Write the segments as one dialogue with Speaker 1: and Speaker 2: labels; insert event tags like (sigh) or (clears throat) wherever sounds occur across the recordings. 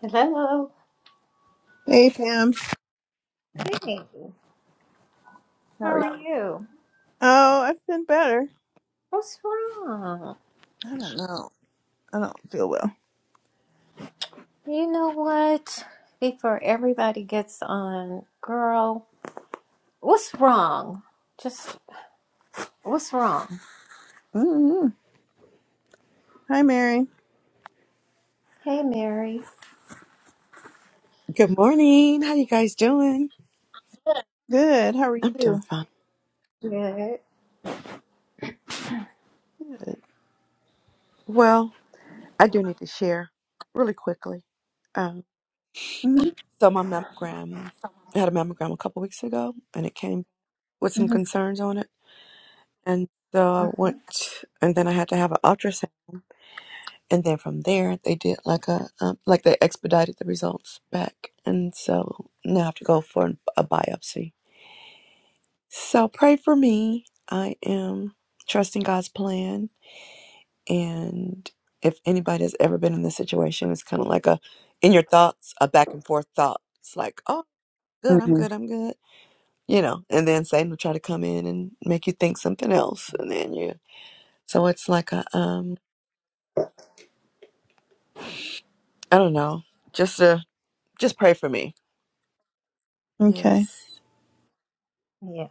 Speaker 1: Hello.
Speaker 2: Hey Pam,
Speaker 1: Hey,
Speaker 2: how
Speaker 1: how
Speaker 2: are you?
Speaker 1: are you?
Speaker 2: Oh, I've been better.
Speaker 1: What's wrong?
Speaker 2: I don't know. I don't feel well.
Speaker 1: You know what? Before everybody gets on, girl, what's wrong? Just what's wrong?
Speaker 2: hmm Hi Mary.
Speaker 1: Hey, Mary.
Speaker 3: Good morning. How you guys doing?
Speaker 2: Good. How are
Speaker 3: I'm doing
Speaker 2: you?
Speaker 3: fine.
Speaker 1: Good.
Speaker 2: Good.
Speaker 3: Well, I do need to share really quickly. Um,
Speaker 2: Mm-hmm.
Speaker 3: so my mammogram, I had a mammogram a couple weeks ago, and it came with some concerns on it, and so I
Speaker 1: Uh-huh.
Speaker 3: went, and then I had to have an ultrasound, and then from there they did like a um, like they expedited the results back, and so now I have to go for an- a biopsy. So pray for me. I am trusting God's plan And if anybody has ever been in this situation, it's kind of like a, in your thoughts, a back and forth thought. It's like, oh, good, I'm
Speaker 2: hmm
Speaker 3: good, I'm good, you know. And then Satan will try to come in and make you think something else, and then you. So it's like a, um, I don't know, just a, just pray for me.
Speaker 2: Okay.
Speaker 3: Yes.
Speaker 1: Yeah,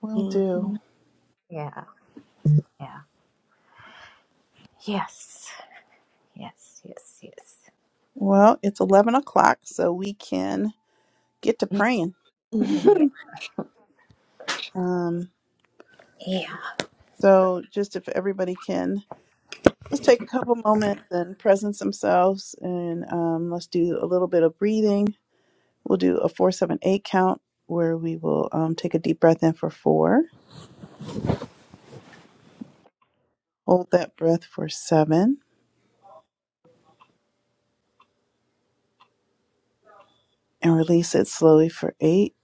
Speaker 2: Will do.
Speaker 3: Mm-hmm.
Speaker 1: yeah, yeah. Yes, yes, yes, yes.
Speaker 2: Well, it's eleven o'clock, so we can get to praying. (laughs)
Speaker 1: Yeah,
Speaker 2: um.
Speaker 1: yeah.
Speaker 2: So, just if everybody can just take a couple moments and presence themselves, and um, let's do a little bit of breathing. We'll do a four, seven, eight count, where we will um, take a deep breath in for four. Hold that breath for seven and release it slowly for eight.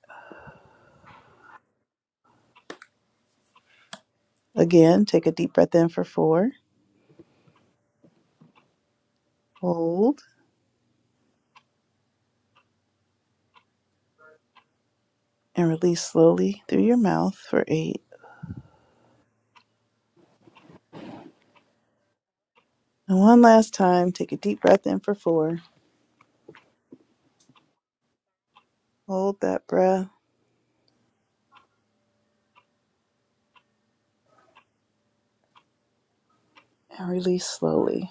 Speaker 2: Again, take a deep breath in for four. Hold and release slowly through your mouth for eight. And one last time, take a deep breath in for four. Hold that breath and release slowly.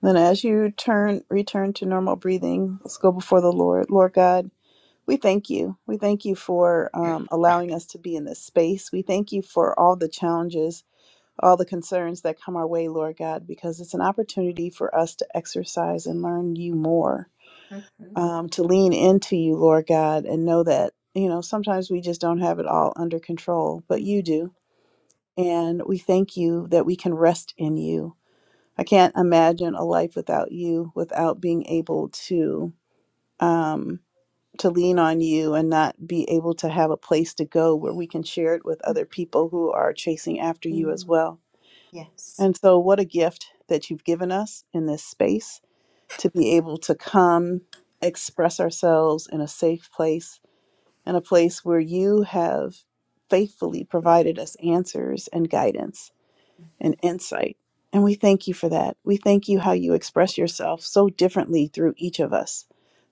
Speaker 2: Then, as you turn, return to normal breathing, let's go before the Lord. Lord God, we thank you. We thank you for um, allowing us to be in this space. We thank you for all the challenges all the concerns that come our way, Lord God, because it's an opportunity for us to exercise and learn you more,
Speaker 1: Mm-hmm.
Speaker 2: um, to lean into you, Lord God, and know that, you know, sometimes we just don't have it all under control, but
Speaker 3: Mm-hmm.
Speaker 2: you do. And we thank you that we can rest in you. I can't imagine a life without you, without being able to. Um, to lean on you and not be able to have a place to go where we can share it with other people who are chasing after you as well.
Speaker 1: Yes.
Speaker 2: And so, what a gift that you've given us in this space to be able to come express ourselves in a safe place, in a place where you have faithfully provided us answers and guidance and insight. And we thank you for that. We thank you how you express yourself so differently through each of us,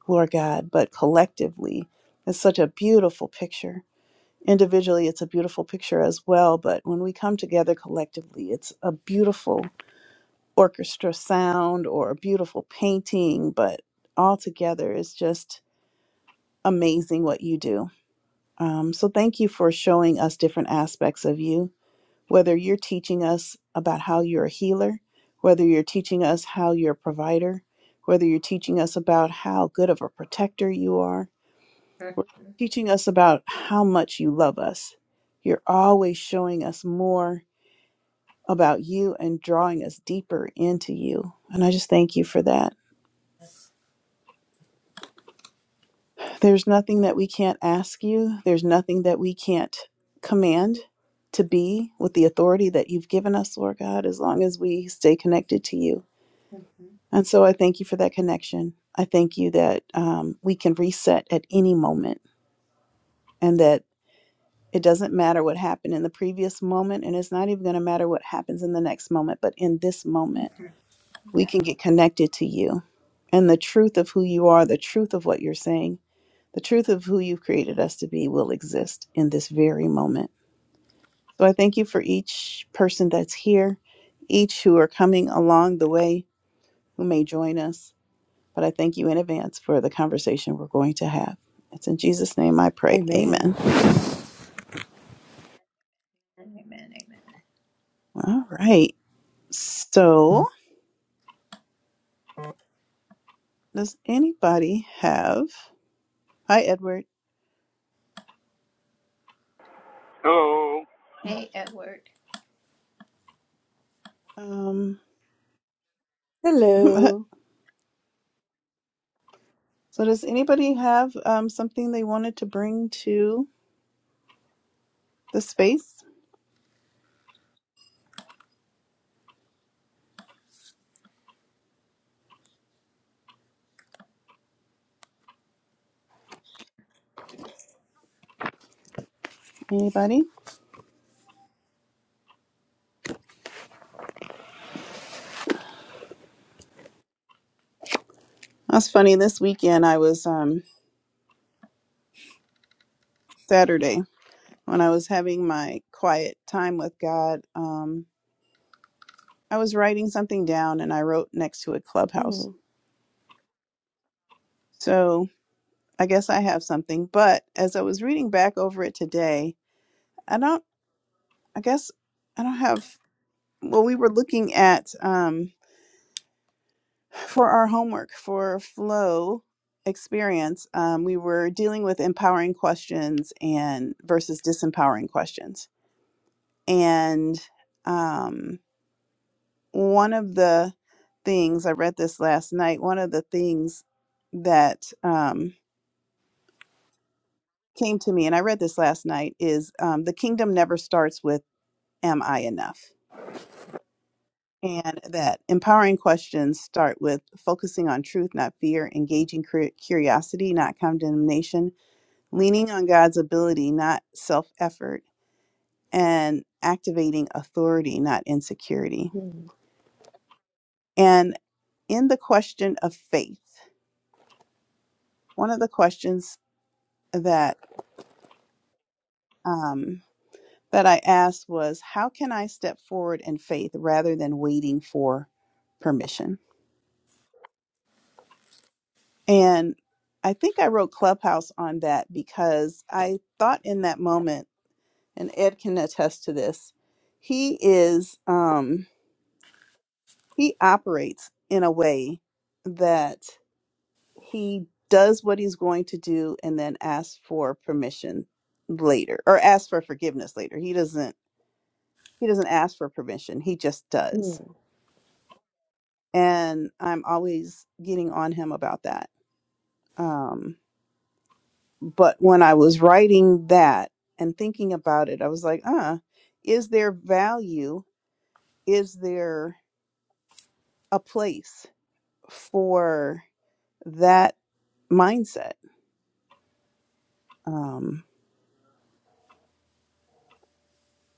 Speaker 2: Lord God, but collectively, it's such a beautiful picture. Individually, it's a beautiful picture as well, but when we come together collectively, it's a beautiful orchestra sound or a beautiful painting, but all together is just amazing what you do. Um, so thank you for showing us different aspects of you, whether you're teaching us about how you're a healer, whether you're teaching us how you're a provider, whether you're teaching us about how good of a protector you are,
Speaker 1: Mm-hmm.
Speaker 2: or teaching us about how much you love us. You're always showing us more about you and drawing us deeper into you. And I just thank you for that. There's nothing that we can't ask you. There's nothing that we can't command to be with the authority that you've given us, Lord God, as long as we stay connected to you.
Speaker 1: Mm-hmm.
Speaker 2: And so I thank you for that connection. I thank you that um, we can reset at any moment and that it doesn't matter what happened in the previous moment. And it's not even going to matter what happens in the next moment. But in this moment,
Speaker 1: Mm-hmm.
Speaker 2: we can get connected to you and the truth of who you are, the truth of what you're saying The truth of who you've created us to be will exist in this very moment. So I thank you for each person that's here, each who are coming along the way, who may join us. But I thank you in advance for the conversation we're going to have. It's in Jesus' name I pray.
Speaker 3: Amen.
Speaker 2: Amen.
Speaker 1: Amen, amen.
Speaker 2: All right. So does anybody have? Hi, Edward.
Speaker 4: Hello.
Speaker 1: Hey, Edward.
Speaker 2: Um, (laughs) so
Speaker 3: Hello.
Speaker 2: does anybody have um, something they wanted to bring to the space? Anybody? That's funny. This weekend, I was um, Saturday when I was having my quiet time with God. Um, I was writing something down, and I wrote next to a clubhouse. So I guess I have something. But as I was reading back over it today, I don't. I guess I don't have. Well, we were looking at um, for our homework for flow experience. Um, we were dealing with empowering questions and versus disempowering questions, and um one of the things I read this last night, one of the things that um, came to me, and I read this last night, is um, the kingdom never starts with, Am I enough? And that empowering questions start with focusing on truth, not fear, engaging cur- curiosity, not condemnation, leaning on God's ability, not self effort, and activating authority, not insecurity. And in the question of faith, one of the questions that um, that I asked was, How can I step forward in faith rather than waiting for permission? And I think I wrote Clubhouse on that because I thought in that moment, and Ed can attest to this, he is, um, he operates in a way that he does what he's going to do and then asks for permission later or asks for forgiveness later. He doesn't, he doesn't ask for permission. He just does
Speaker 3: Mm-hmm.
Speaker 2: and I'm always getting on him about that. Um, but when I was writing that and thinking about it, I was like, uh, is there value? Is there a place for that mindset? Um,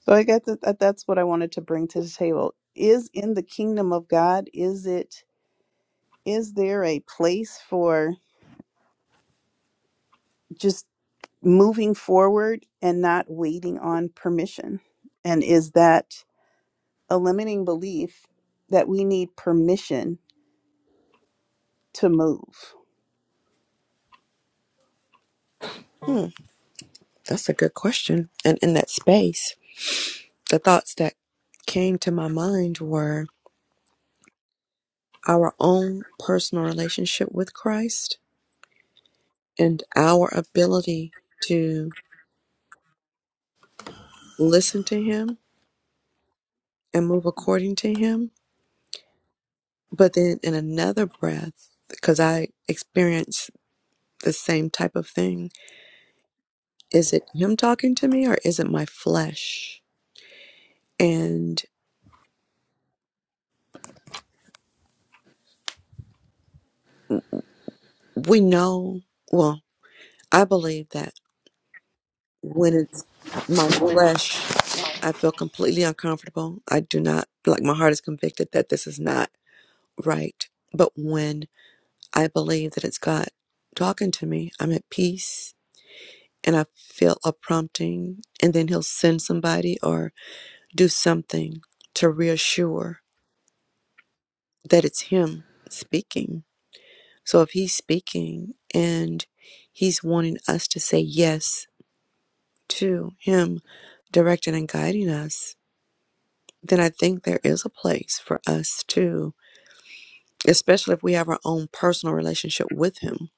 Speaker 2: so I guess that, that that's what I wanted to bring to the table. Is in the kingdom of God, is it, is there a place for just moving forward and not waiting on permission? And is that a limiting belief that we need permission to move.
Speaker 3: Hmm. That's a good question. And in that space, the thoughts that came to my mind were. our own personal relationship with Christ and our ability to listen to Him and move according to Him. But then in another breath, because I experience the same type of thing, is it Him talking to me or is it my flesh? And we know, well, I believe that when it's my
Speaker 1: Mhm.
Speaker 3: flesh, I feel completely uncomfortable. I do not, like, my heart is convicted that this is not right. But when I believe that it's God talking to me. I'm at peace and I feel a prompting, and then He'll send somebody or do something to reassure that it's Him speaking. So if He's speaking and He's wanting us to say yes to Him directing and guiding us, then I think there is a place for us to, especially if we have our own personal relationship with Him.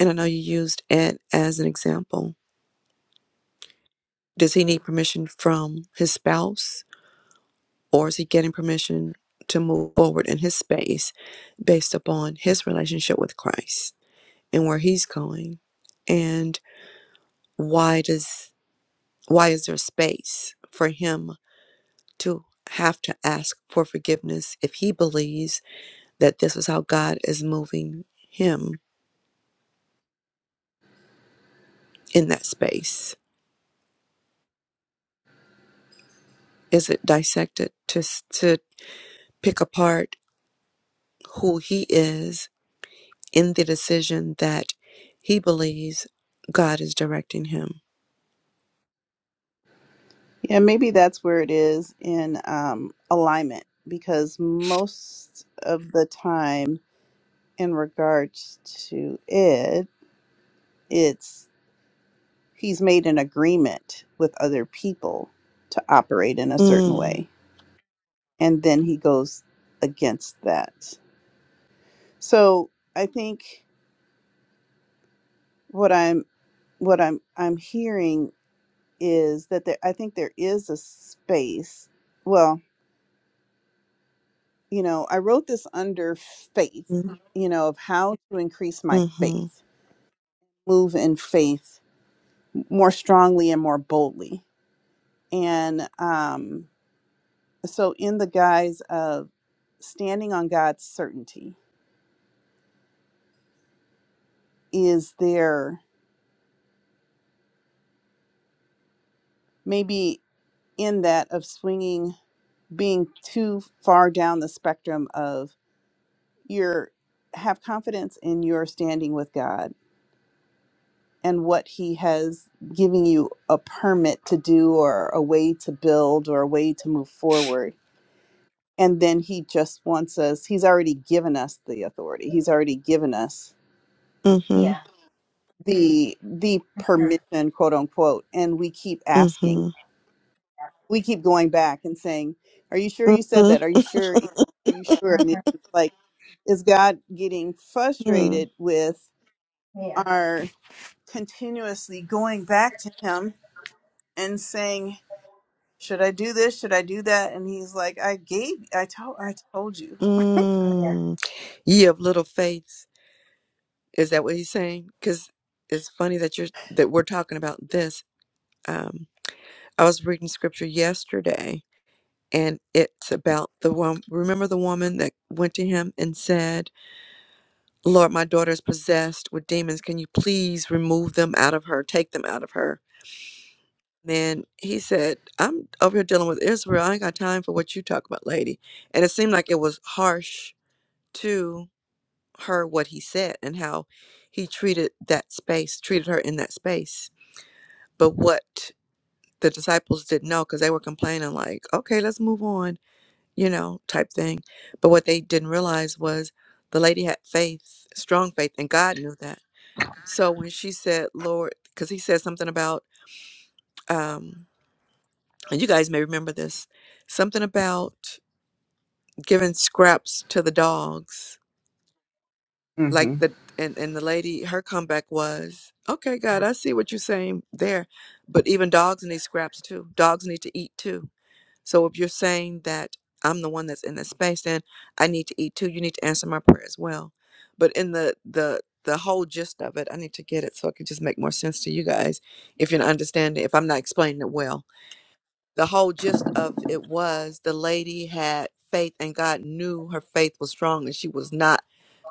Speaker 3: And I know you used Ed as an example Does he need permission from his spouse, or is he getting permission to move forward in his space based upon his relationship with Christ and where he's going? And why does why is there space for him to have to ask for forgiveness if he believes that this is how God is moving him in that space? Is it dissected to to pick apart who he is in the decision that he believes God is directing him.
Speaker 2: Yeah, maybe that's where it is in um, alignment because most of the time, in regards to it, it's he's made an agreement with other people to operate in a certain
Speaker 3: Mm,
Speaker 2: way, and then he goes against that. So I think what I'm what I'm I'm hearing is that there, I think there is a space. Well, you know, I wrote this under faith,
Speaker 3: mm,
Speaker 2: you know, of how to increase my
Speaker 3: mhm,
Speaker 2: faith, move in faith more strongly and more boldly. And um, so, in the guise of standing on God's certainty, is there maybe in that of swinging, being too far down the spectrum of your have confidence in your standing with God? and what he has given you a permit to do or a way to build or a way to move forward. And then he just wants us, he's already given us the authority. He's already given us
Speaker 3: mhm,
Speaker 1: Yeah.
Speaker 2: the the permission, quote unquote. And we keep asking.
Speaker 3: mhm,
Speaker 2: We keep going back and saying, Are you sure you said
Speaker 3: mhm,
Speaker 2: that? Are you sure are you sure?
Speaker 1: Sure.
Speaker 2: And it's like, is God getting
Speaker 3: mm,
Speaker 2: frustrated with
Speaker 1: Yeah.
Speaker 2: our continuously going back to him and saying, should I do this? Should I do that? And he's like, I gave, I told, I told you.
Speaker 1: oh, Yeah.
Speaker 3: mm. Ye of little faith. Is that what he's saying? Because it's funny that you're that we're talking about this. Um, I was reading scripture yesterday, and it's about the one. Remember the woman that went to him and said, "Lord, my daughter is possessed with demons. Can you please remove them out of her? Take them out of her." Then he said, I'm over here dealing with Israel. I ain't got time for what you talk about, lady. And it seemed like it was harsh to her what he said and how he treated that space, treated her in that space. But what the disciples didn't know, because they were complaining, like, okay, let's move on, you know, type thing. But what they didn't realize was the lady had faith, strong faith, and God knew that. So when she said, Lord, because he said something about, um, and you guys may remember this something about giving scraps to the dogs like
Speaker 2: hmm
Speaker 3: the and, and the lady her comeback was okay god i see what you're saying there but even dogs need scraps too dogs need to eat too so if you're saying that i'm the one that's in that space then i need to eat too you need to answer my prayer as well but in the the the whole gist of it i need to get it so it can just make more sense to you guys if you're not understanding if i'm not explaining it well the whole gist of it was the lady had faith and God knew her faith was strong and she was not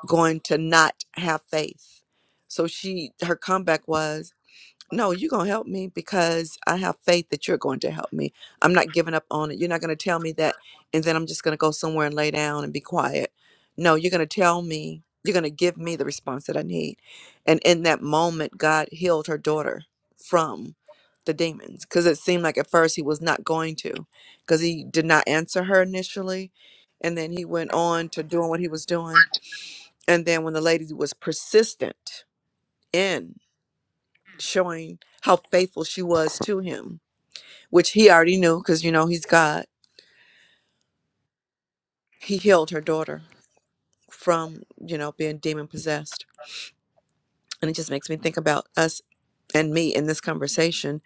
Speaker 3: going to not have faith. So she her comeback was no, you're going to help me because I have faith that you're going to help me. I'm not giving up on it. You're not going to tell me that, and then I'm just going to go somewhere and lay down and be quiet. No, you're going to tell me, you're going to give me the response that I need. And in that moment, God healed her daughter from the demons because it seemed like at first he was not going to because he did not answer her initially. And then he went on to doing what he was doing. And then when the lady was persistent, in showing how faithful she was to him, which he already knew because, you know, he's God. He healed her daughter from, you know, being demon possessed. And it just makes me think about us and me in this conversation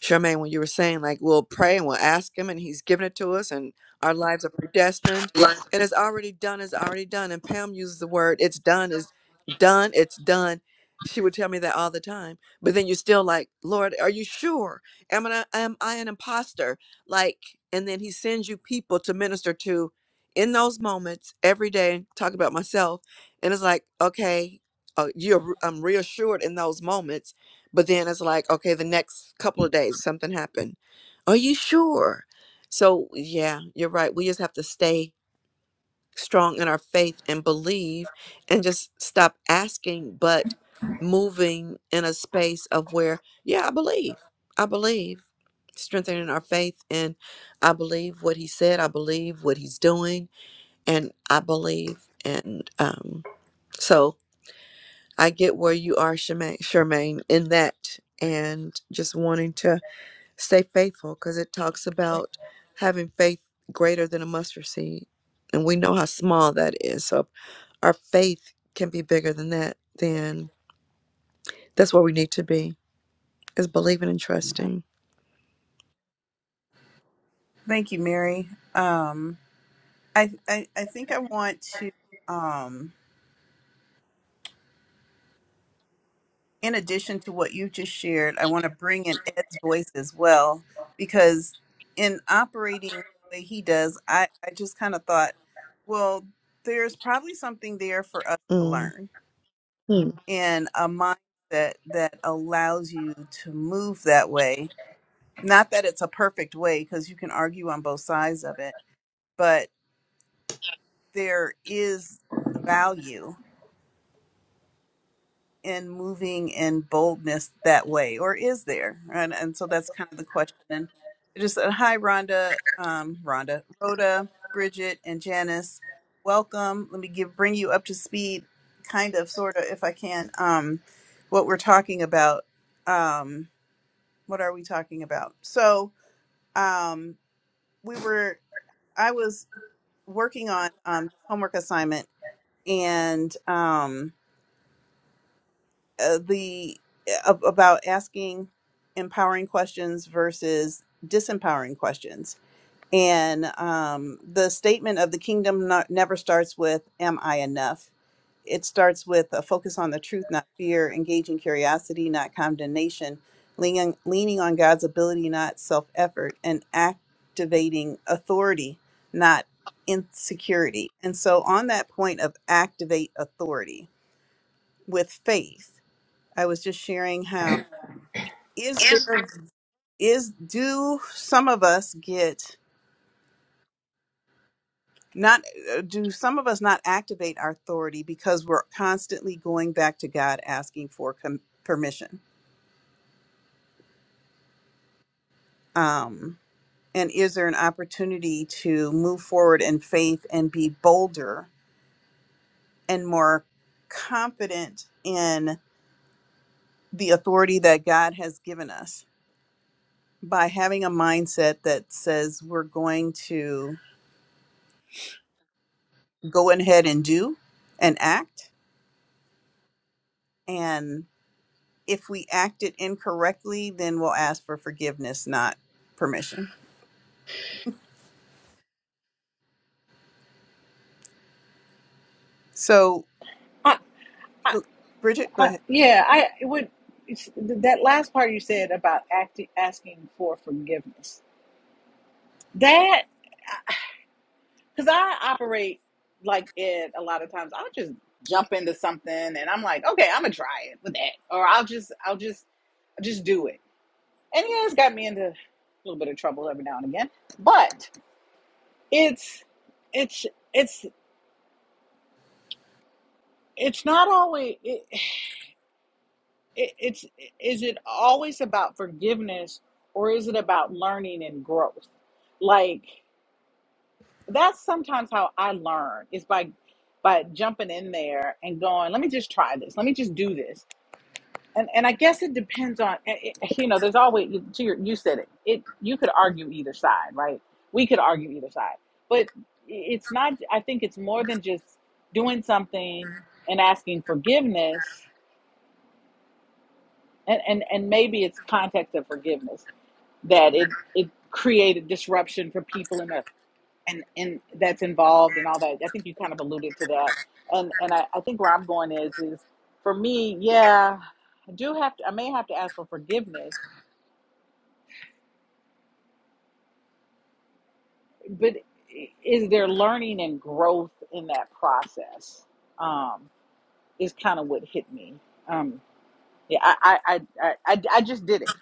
Speaker 3: Charmaine, when you were saying, like, we'll pray and we'll ask Him, and He's given it to us, and our lives are predestined. It is already done, Is already done. And Pam uses the word, it's done, is done, it's done. She would tell me that all the time. But then you're still like, Lord, are you sure? Am I, am I an imposter? Like, and then He sends you people to minister to in those moments every day, talk about myself. And it's like, okay, uh, you're, I'm reassured in those moments but then it's like, okay, the next couple of days, something happened. Are you sure? So, yeah, you're right. We just have to stay strong in our faith and believe and just stop asking, but moving in a space of where, yeah, I believe. I believe. Strengthening our faith. And I believe what he said. I believe what he's doing. And I believe. And um, so, I get where you are, Charmaine, Charmaine in that, and just wanting to stay faithful because it talks about having faith greater than a mustard seed. And we know how small that is. So if our faith can be bigger than that, then that's where we need to be is believing and trusting.
Speaker 2: Thank you, Mary. Um, I, I, I think I want to, um, in addition to what you just shared, I want to bring in Ed's voice as well, because in operating the way he does, I, I just kind of thought, well, there's probably something there for us to
Speaker 3: Mm.
Speaker 2: learn
Speaker 3: Hmm.
Speaker 2: and a mindset that allows you to move that way not that it's a perfect way because you can argue on both sides of it, but there is value in moving in boldness that way, or is there? And and so that's kind of the question. And I just said hi, Rhonda, um, Rhonda, Rhoda, Bridget, and Janice. Welcome. Let me give bring you up to speed, kind of, sort of, if I can. Um, what we're talking about. Um, what are we talking about? So um, we were. I was. working on um, this homework assignment and um, uh, the ab- about asking empowering questions versus disempowering questions and um, the statement of the kingdom not, never starts with, Am I enough? It starts with a focus on the truth, not fear, engaging curiosity, not condemnation, leaning, leaning on God's ability, not self effort, and activating authority, not insecurity. And so, on that point of activate authority with faith, I was just sharing how is
Speaker 1: Is
Speaker 2: there, is, do some of us get not uh, do some of us not activate our authority because we're constantly going back to God asking for com- permission? Um, and is there an opportunity to move forward in faith and be bolder and more confident in the authority that God has given us by having a mindset that says we're going to go ahead and do and act? if we acted incorrectly, then we'll ask for forgiveness, not permission. So,
Speaker 5: I, I,
Speaker 2: go- Bridget, go
Speaker 5: I,
Speaker 2: ahead.
Speaker 5: yeah, I it would. It's, that last part you said about acting, asking for forgiveness. That because I operate like Ed a lot of times. I'll just jump into something and I'm like, okay, I'm gonna try it with that, or I'll just, I'll just, I'll just do it. And yeah, it's got me into a little bit of trouble every now and again. But it's, it's, it's, it's not always. It, it, it's is it always about forgiveness or is it about learning and growth like that's sometimes how i learn is by by jumping in there and going let me just try this let me just do this and and i guess it depends on it, it- you know there's always to your, you said it it you could argue either side right we could argue either side but it's not i think it's more than just doing something and asking forgiveness and and, and maybe it's context of forgiveness that it it created disruption for people in the and and that's involved and all that. I think you kind of alluded to that. And and I, I think where I'm going is is for me, yeah, I do have to I may have to ask for forgiveness, but is there learning and growth in that process? Um, is kind of what hit me. Um, Yeah, I, I, I, I, I just did it.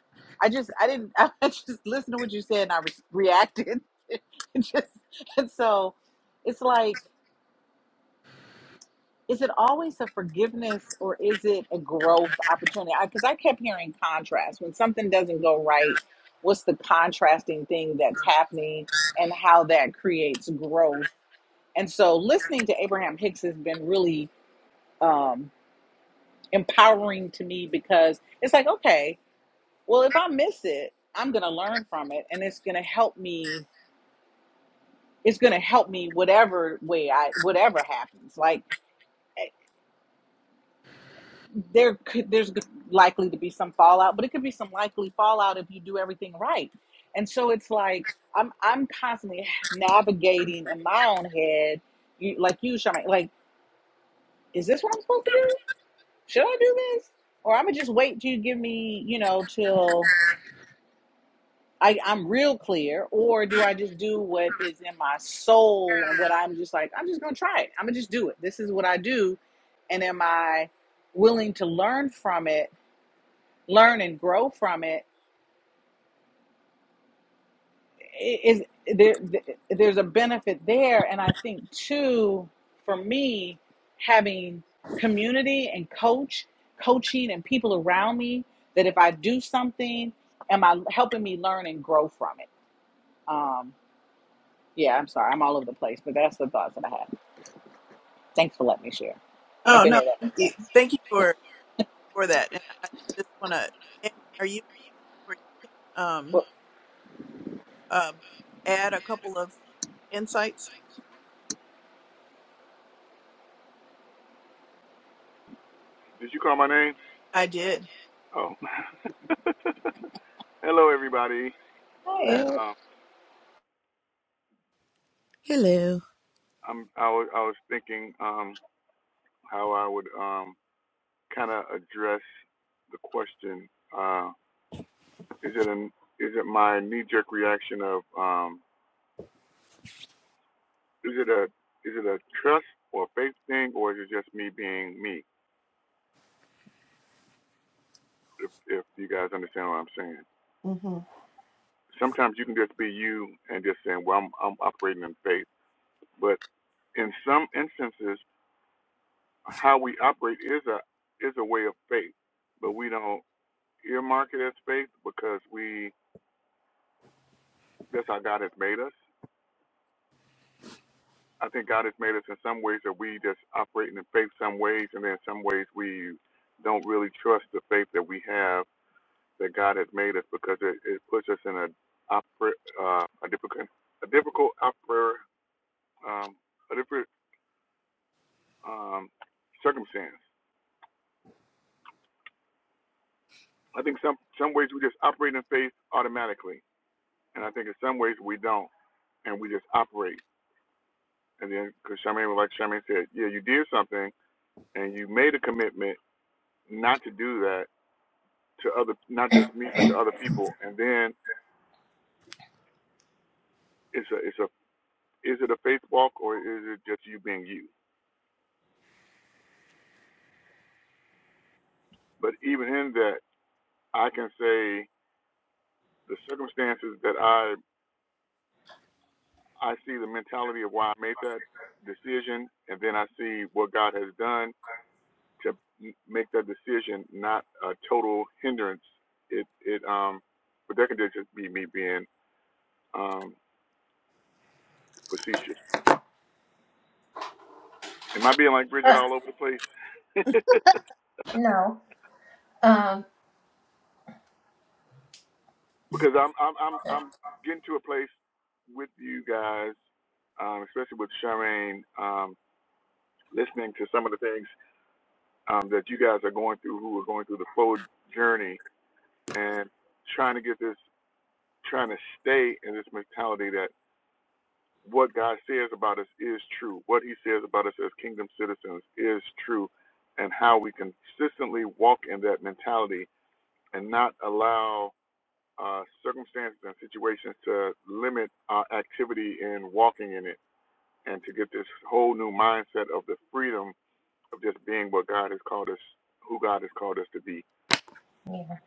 Speaker 5: I just, I didn't. (laughs) I just listened to what you said and I re- reacted. (laughs) It just, and so, it's like, is it always a forgiveness or is it a growth opportunity? Because I, 'cause I kept hearing contrast when something doesn't go right. What's the contrasting thing that's happening and how that creates growth? And so, listening to Abraham Hicks has been really um, empowering to me because it's like, okay. Well, if I miss it, I'm going to learn from it and it's going to help me it's going to help me whatever way I whatever happens. Like eh, there could there's likely to be some fallout, but it could be some likely fallout if you do everything right. And so it's like I'm I'm constantly navigating in my own head, you, like you, Shamai, like is this what I'm supposed to do? Should I do this? Or I'm gonna just wait till you give me, you know, till I, I'm real clear, or do I just do what is in my soul and what I'm just like, I'm just gonna try it. I'm gonna just do it. This is what I do. And am I willing to learn from it, learn and grow from it? Is I- Is there there's a benefit there. And I think too, for me, having community and coach, coaching and people around me that if I do something, am I helping me learn and grow from it? Um, Yeah, I'm sorry. I'm all over the place, but that's the thoughts that I had. Thanks for letting me share, if
Speaker 2: Oh
Speaker 5: any
Speaker 2: no,
Speaker 5: of that
Speaker 2: thank
Speaker 5: makes
Speaker 2: you,
Speaker 5: sense.
Speaker 2: thank you for thank you for that. And I just want to, are you where you can um
Speaker 5: Well,
Speaker 2: uh, add a couple of insights?
Speaker 4: Did you call my name?
Speaker 2: I did.
Speaker 4: Oh, hello everybody.
Speaker 5: hi,
Speaker 2: Hello.
Speaker 5: Ed.
Speaker 4: Um,
Speaker 3: Hello.
Speaker 4: I'm I was I was thinking um how I would um kind of address the question. Uh, is it an is it my knee jerk reaction of um is it a is it a trust or a faith thing or is it just me being me? If if you guys understand what I'm saying.
Speaker 3: hmm
Speaker 4: Sometimes you can just be you and just saying, well, I'm I'm operating in faith, but in some instances how we operate is a is a way of faith, but we don't earmark it as faith because we that's how God has made us. I think God has made us in some ways that we just operate in faith some ways, and then some ways we don't really trust the faith that we have that God has made us because it, it puts us in a oper, uh, a difficult a difficult oper, um, a different um, circumstance. I think some some ways we just operate in faith automatically, and I think in some ways we don't. and we just operate. And then, because Charmaine, like Charmaine said, yeah, you did something and you made a commitment not to do that to other, not just me, but to
Speaker 1: there-
Speaker 4: other people. And then it's a, it's a, is it a faith walk or is it just you being you? But even in that, I can say the circumstances that I, I see the mentality of why I made that decision, and then I see what God has done to make that decision not a total hindrance. It it um, but that could just be me being um facetious. Am I being like
Speaker 1: (coughs)
Speaker 4: Bridget
Speaker 1: uh,
Speaker 4: all over the place? (laughs)
Speaker 1: no. Um.
Speaker 4: because I'm I'm I'm I'm getting to a place with you guys, um, especially with Charmaine, um, listening to some of the things um, that you guys are going through, who are going through the forward journey, and trying to get this, trying to stay in this mentality that. what God says about us is true. What He says about us as kingdom citizens is true, and how we consistently walk in that mentality and not allow uh, circumstances and situations to limit our activity in walking in it, and to get this whole new mindset of the freedom of just being what God has called us, who God has called us to be.
Speaker 1: Yeah.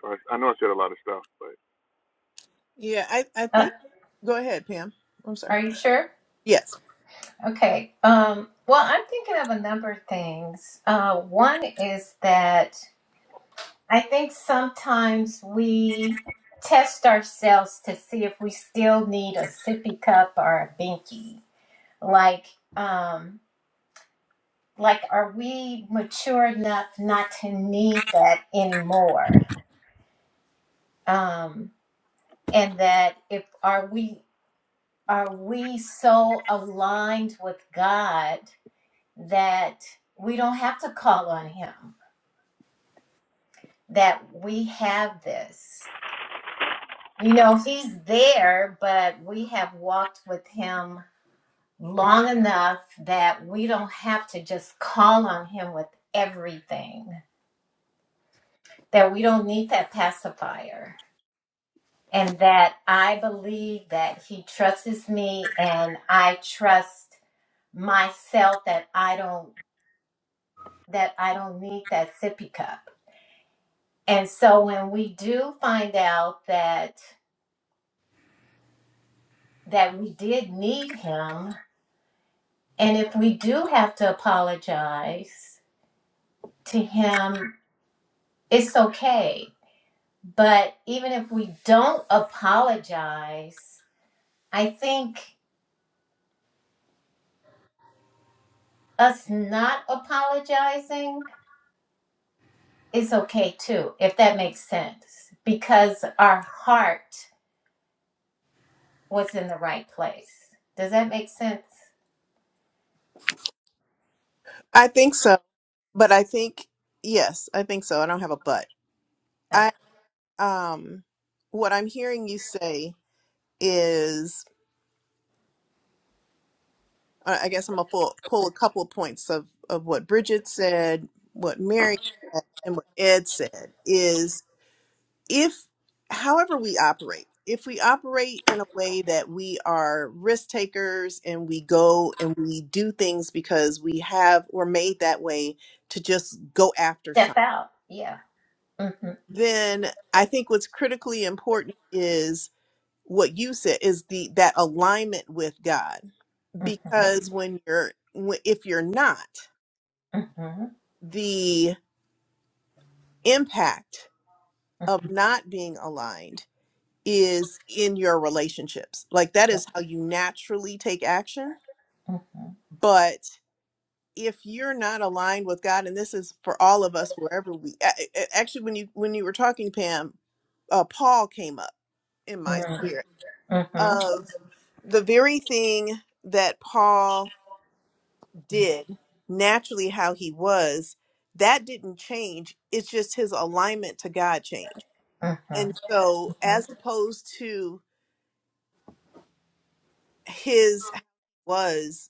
Speaker 4: So I, I know I said a lot of stuff, but
Speaker 2: Yeah, I I
Speaker 1: Uh,
Speaker 2: think. Go ahead, Pam. I'm sorry.
Speaker 1: are you sure?
Speaker 2: Yes,
Speaker 1: Okay. Um. Well, I'm thinking of a number of things. Uh, one is that I think sometimes we test ourselves to see if we still need a sippy cup or a binky. Like, um, like, are we mature enough not to need that anymore? Um, and that if are we are we so aligned with God that we don't have to call on Him, that we have this? You know, He's there, but we have walked with Him long enough that we don't have to just call on Him with everything, that we don't need that pacifier. And that I believe that he trusts me and I trust myself that I don't that I don't need that sippy cup. And so when we do find out that that we did need him, and if we do have to apologize to him, it's okay. But even if we don't apologize, I think us not apologizing is okay too, if that makes sense, because our heart was in the right place. Does that make sense?
Speaker 2: I think so. But I think yes, I think so. I don't have a but.
Speaker 1: Okay.
Speaker 2: I um, what I'm hearing you say is. I I guess I'm gonna pull pull a couple of points of of what Bridget said, what Mary said, and what Ed said is if, however we operate, if we operate in a way that we are risk takers and we go and we do things because we have we're made that way to just go after
Speaker 1: Step
Speaker 2: something,
Speaker 1: out. Yeah. Mm-hmm.
Speaker 2: then I think what's critically important is what you said is the that alignment with God
Speaker 1: Mm-hmm.
Speaker 2: because when you're when- if you're not
Speaker 1: Mm-hmm.
Speaker 2: the impact
Speaker 1: Mm-hmm.
Speaker 2: of not being aligned is in your relationships. Like that is how you naturally take action.
Speaker 1: Mm-hmm.
Speaker 2: But if you're not aligned with God, and this is for all of us, wherever we a- a- actually, when you when you were talking, Pam, uh, Paul came up in my
Speaker 1: Mm-hmm.
Speaker 2: spirit of the very thing that Paul did naturally, how he was. That didn't change. It's just his alignment to God changed And so,
Speaker 1: Mm-hmm.
Speaker 2: as opposed to his was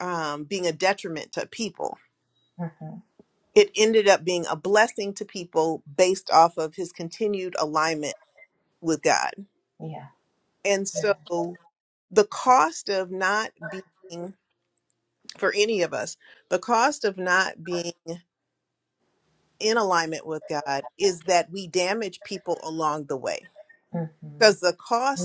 Speaker 2: um, being a detriment to people,
Speaker 1: Mm-hmm.
Speaker 2: it ended up being a blessing to people based off of his continued alignment with God.
Speaker 1: Yeah.
Speaker 2: And so, the cost of not being, for any of us, the cost of not being in alignment with God is that we damage people along the way because the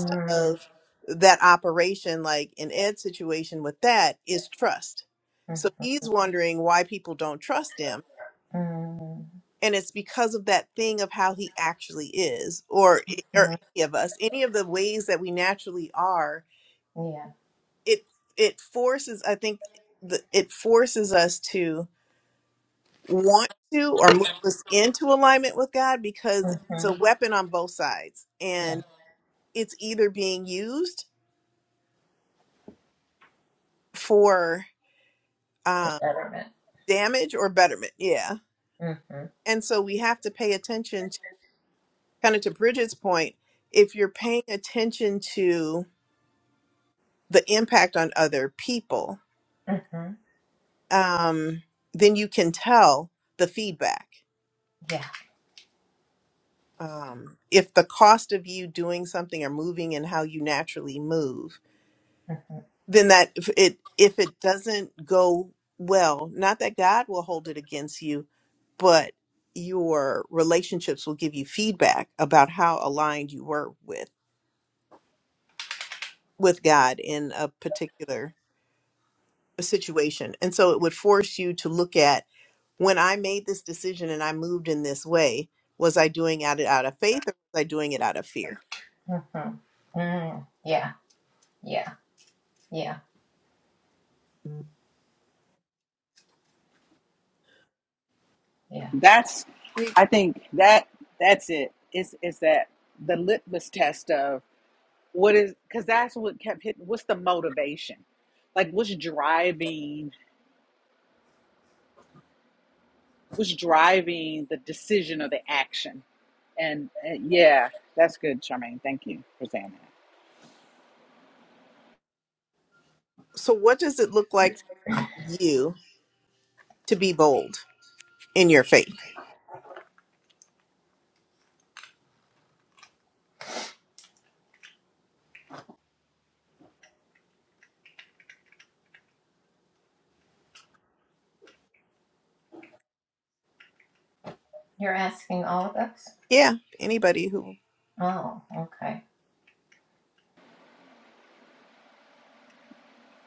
Speaker 1: Mm-hmm. Mm-hmm.
Speaker 2: of that operation, like in Ed's situation with that, is trust. So he's wondering why people don't trust him,
Speaker 1: Mm-hmm.
Speaker 2: and it's because of that thing of how he actually is, or e, or any of us, any of the ways that we naturally are.
Speaker 1: Yeah.
Speaker 2: It it forces, I think, the, it forces us to want to or move us into alignment with God because it's
Speaker 1: Mm-hmm.
Speaker 2: a weapon on both sides, and
Speaker 1: Yeah.
Speaker 2: it's either being used for. um,
Speaker 1: The betterment.
Speaker 2: damage or betterment yeah
Speaker 1: Mm-hmm.
Speaker 2: and so we have to pay attention to kind of to bridget's point if you're paying attention to the impact on other people
Speaker 1: Mm-hmm.
Speaker 2: um, then you can tell the feedback
Speaker 1: Yeah.
Speaker 2: um, if the cost of you doing something or moving and how you naturally move
Speaker 1: Mm-hmm.
Speaker 2: then that if it if it doesn't go well not that god will hold it against you but your relationships will give you feedback about how aligned you were with with God in a particular situation. And so it would force you to look at when I made this decision and I moved in this way, was I doing it out of faith or was I doing it out of fear?
Speaker 1: Mm-hmm. Mm. Yeah. Yeah. Yeah. Yeah.
Speaker 5: That's,
Speaker 2: You-
Speaker 5: I think that that's it. It's, it's that the litmus test of what is, because that's what kept hitting. What's the motivation? Like, what's driving, what's driving the decision or the action? And, and yeah, that's good, Charmaine. Thank you for saying that.
Speaker 2: So, what does it look like for you to be bold in your faith?
Speaker 1: You're asking all of us?
Speaker 2: Yeah, anybody who.
Speaker 1: Oh, okay.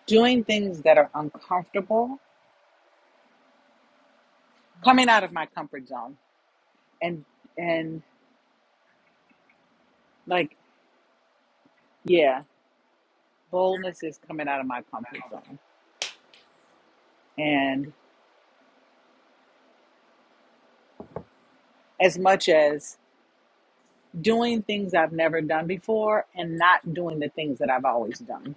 Speaker 5: Doing things that are uncomfortable, coming out of my comfort zone and, and, like Yeah, boldness is coming out of my comfort zone. And as much as doing things I've never done before and not doing the things that I've always done.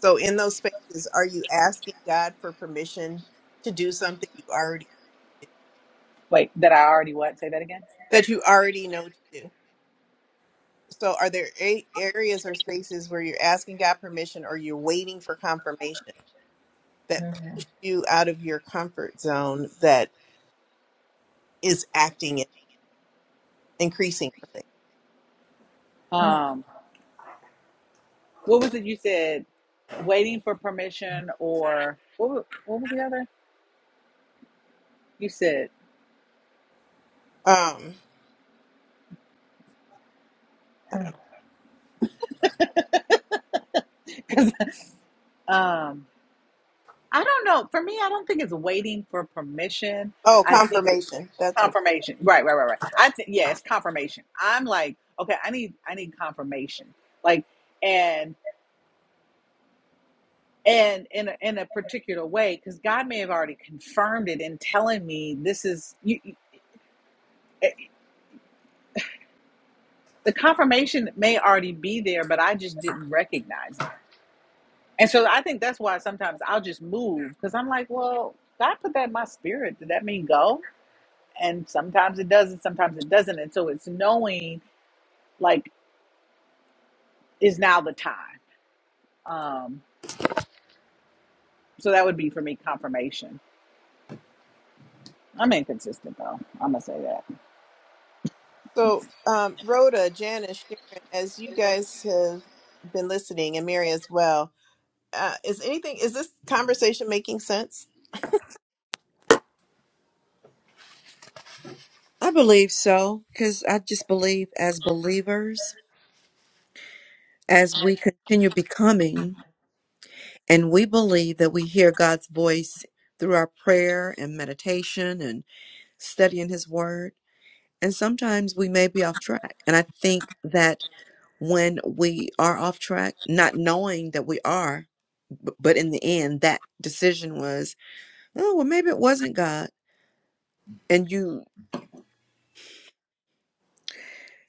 Speaker 2: So, in those spaces, are you asking God for permission to do something you already
Speaker 5: Wait, that I already what? Say that again.
Speaker 2: that you already know to do? So, are there a- areas or spaces where you're asking God permission or you're waiting for confirmation? that
Speaker 1: Mm-hmm.
Speaker 2: push you out of your comfort zone that is acting and increasing your
Speaker 5: Um, what was it you said? Waiting for permission or what, wa- what was the other? You said,
Speaker 2: faith. Um,
Speaker 5: (laughs) 'Cause, um, I don't know. For me, I don't think it's waiting for permission.
Speaker 2: oh,
Speaker 5: I think
Speaker 2: confirmation. That's what it was.
Speaker 5: confirmation. Right, right, right, right. I think yeah, it's confirmation. I'm like, okay, I need I need confirmation. Like and and in a, in a particular way cuz God may have already confirmed it in telling me this is you, you- eh, the confirmation may already be there, but I just didn't recognize it. And so I think that's why sometimes I'll just move cuz I'm like, well, God put that in my spirit. Did that mean go? And sometimes it does and sometimes it doesn't. And so it's knowing like is now the time. Um, So that would be for me confirmation. I'm inconsistent though. I'm gonna say that.
Speaker 2: So, um, Rhoda, Janice, Sharon, as you guys have been listening, and Mary as well, uh, is anything, is this conversation making sense?
Speaker 3: I believe so because I just believe as believers, as we continue becoming, And we believe that we hear God's voice through our prayer and meditation and studying His Word. And sometimes we may be off track. And I think that when we are off track, not knowing that we are, b- but in the end, that decision was, oh, well, maybe it wasn't God. And you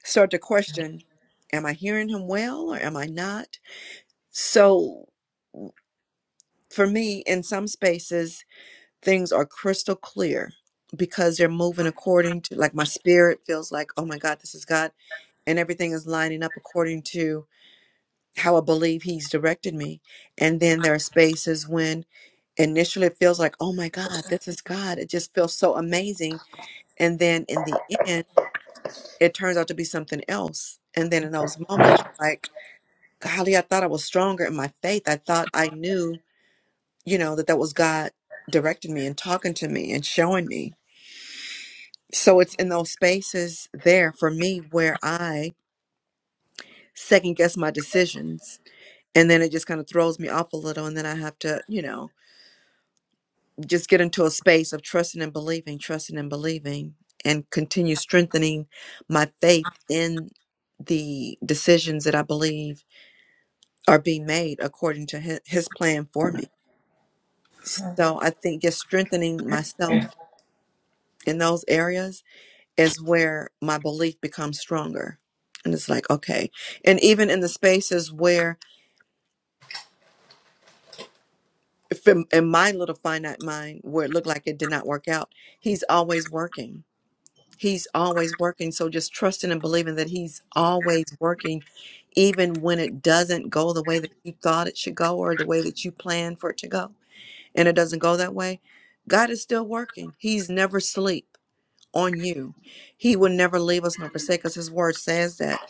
Speaker 3: start to question, am I hearing Him well or am I not? So for me, in some spaces, things are crystal clear because they're moving according to like my spirit feels like oh my god this is god and everything is lining up according to how i believe he's directed me and then there are spaces when initially it feels like oh my god this is god it just feels so amazing and then in the end it turns out to be something else and then in those moments like golly i thought i was stronger in my faith i thought i knew you know that that was god directing me and talking to me and showing me So it's in those spaces there for me where I second guess my decisions and then it just kind of throws me off a little and then I have to, you know, just get into a space of trusting and believing, trusting and believing and continue strengthening my faith in the decisions that I believe are being made according to his, his plan for me.
Speaker 1: Mm-hmm.
Speaker 3: So I think just strengthening myself in those areas is where my belief becomes stronger. And it's like, okay. And even in the spaces where, if in, in my little finite mind, where it looked like it did not work out, he's always working. He's always working. So just trusting and believing that he's always working, even when it doesn't go the way that you thought it should go or the way that you planned for it to go, and it doesn't go that way, God is still working. He's never sleep on you. He will never leave us nor forsake us. His word says that.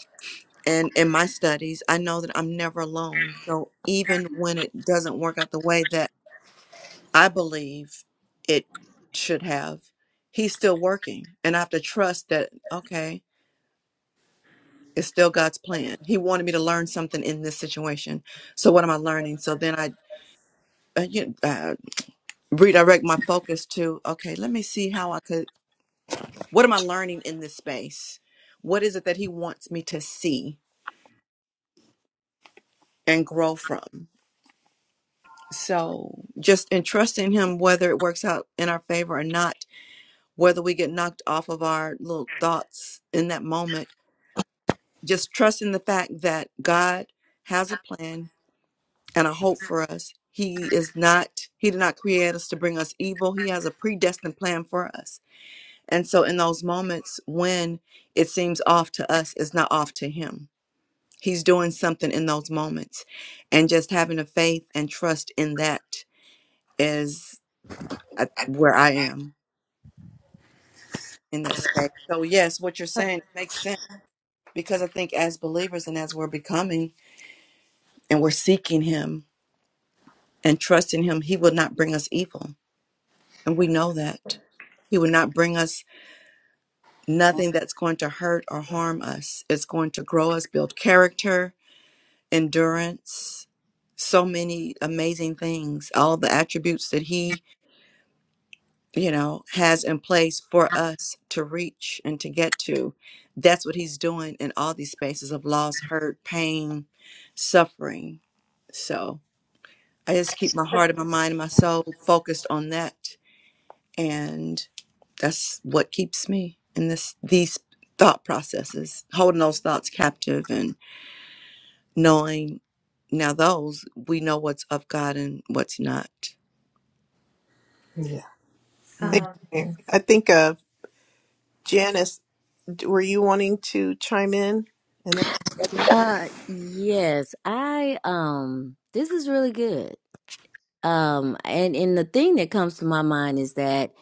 Speaker 3: and in my studies, I know that I'm never alone. So even when it doesn't work out the way that I believe it should have, he's still working. And I have to trust that, okay, it's still God's plan. He wanted me to learn something in this situation. So what am I learning? So then I uh, you, know, uh, redirect my focus to, okay, let me see how I could, what am I learning in this space? What is it that he wants me to see and grow from? So just entrusting him whether it works out in our favor or not, whether we get knocked off of our little thoughts in that moment, just trusting the fact that God has a plan and a hope for us. He is not, he did not create us to bring us evil. He has a predestined plan for us. And so in those moments when it seems off to us, it's not off to him. He's doing something in those moments. And just having a faith and trust in that is I, where I am in that space. So yes, what you're saying makes sense because I think as believers and as we're becoming and we're seeking Him and trusting Him, He will not bring us evil, and we know that He will not bring us nothing that's going to hurt or harm us. It's going to grow us, build character, endurance, so many amazing things, all the attributes that He you know, has in place for us to reach and to get to. That's what he's doing in all these spaces of loss, hurt, pain, suffering. So I just keep my heart and my mind and my soul focused on that. And that's what keeps me in this these thought processes, holding those thoughts captive and knowing now those we know what's of God and what's not.
Speaker 2: Yeah.
Speaker 3: Mhm.
Speaker 2: Thank
Speaker 1: Um,
Speaker 2: you, Mary. I think, uh, Janice, d- were you wanting to chime in? And then,
Speaker 6: Uh yes, I um this is really good. Um and and the thing that comes to my mind is that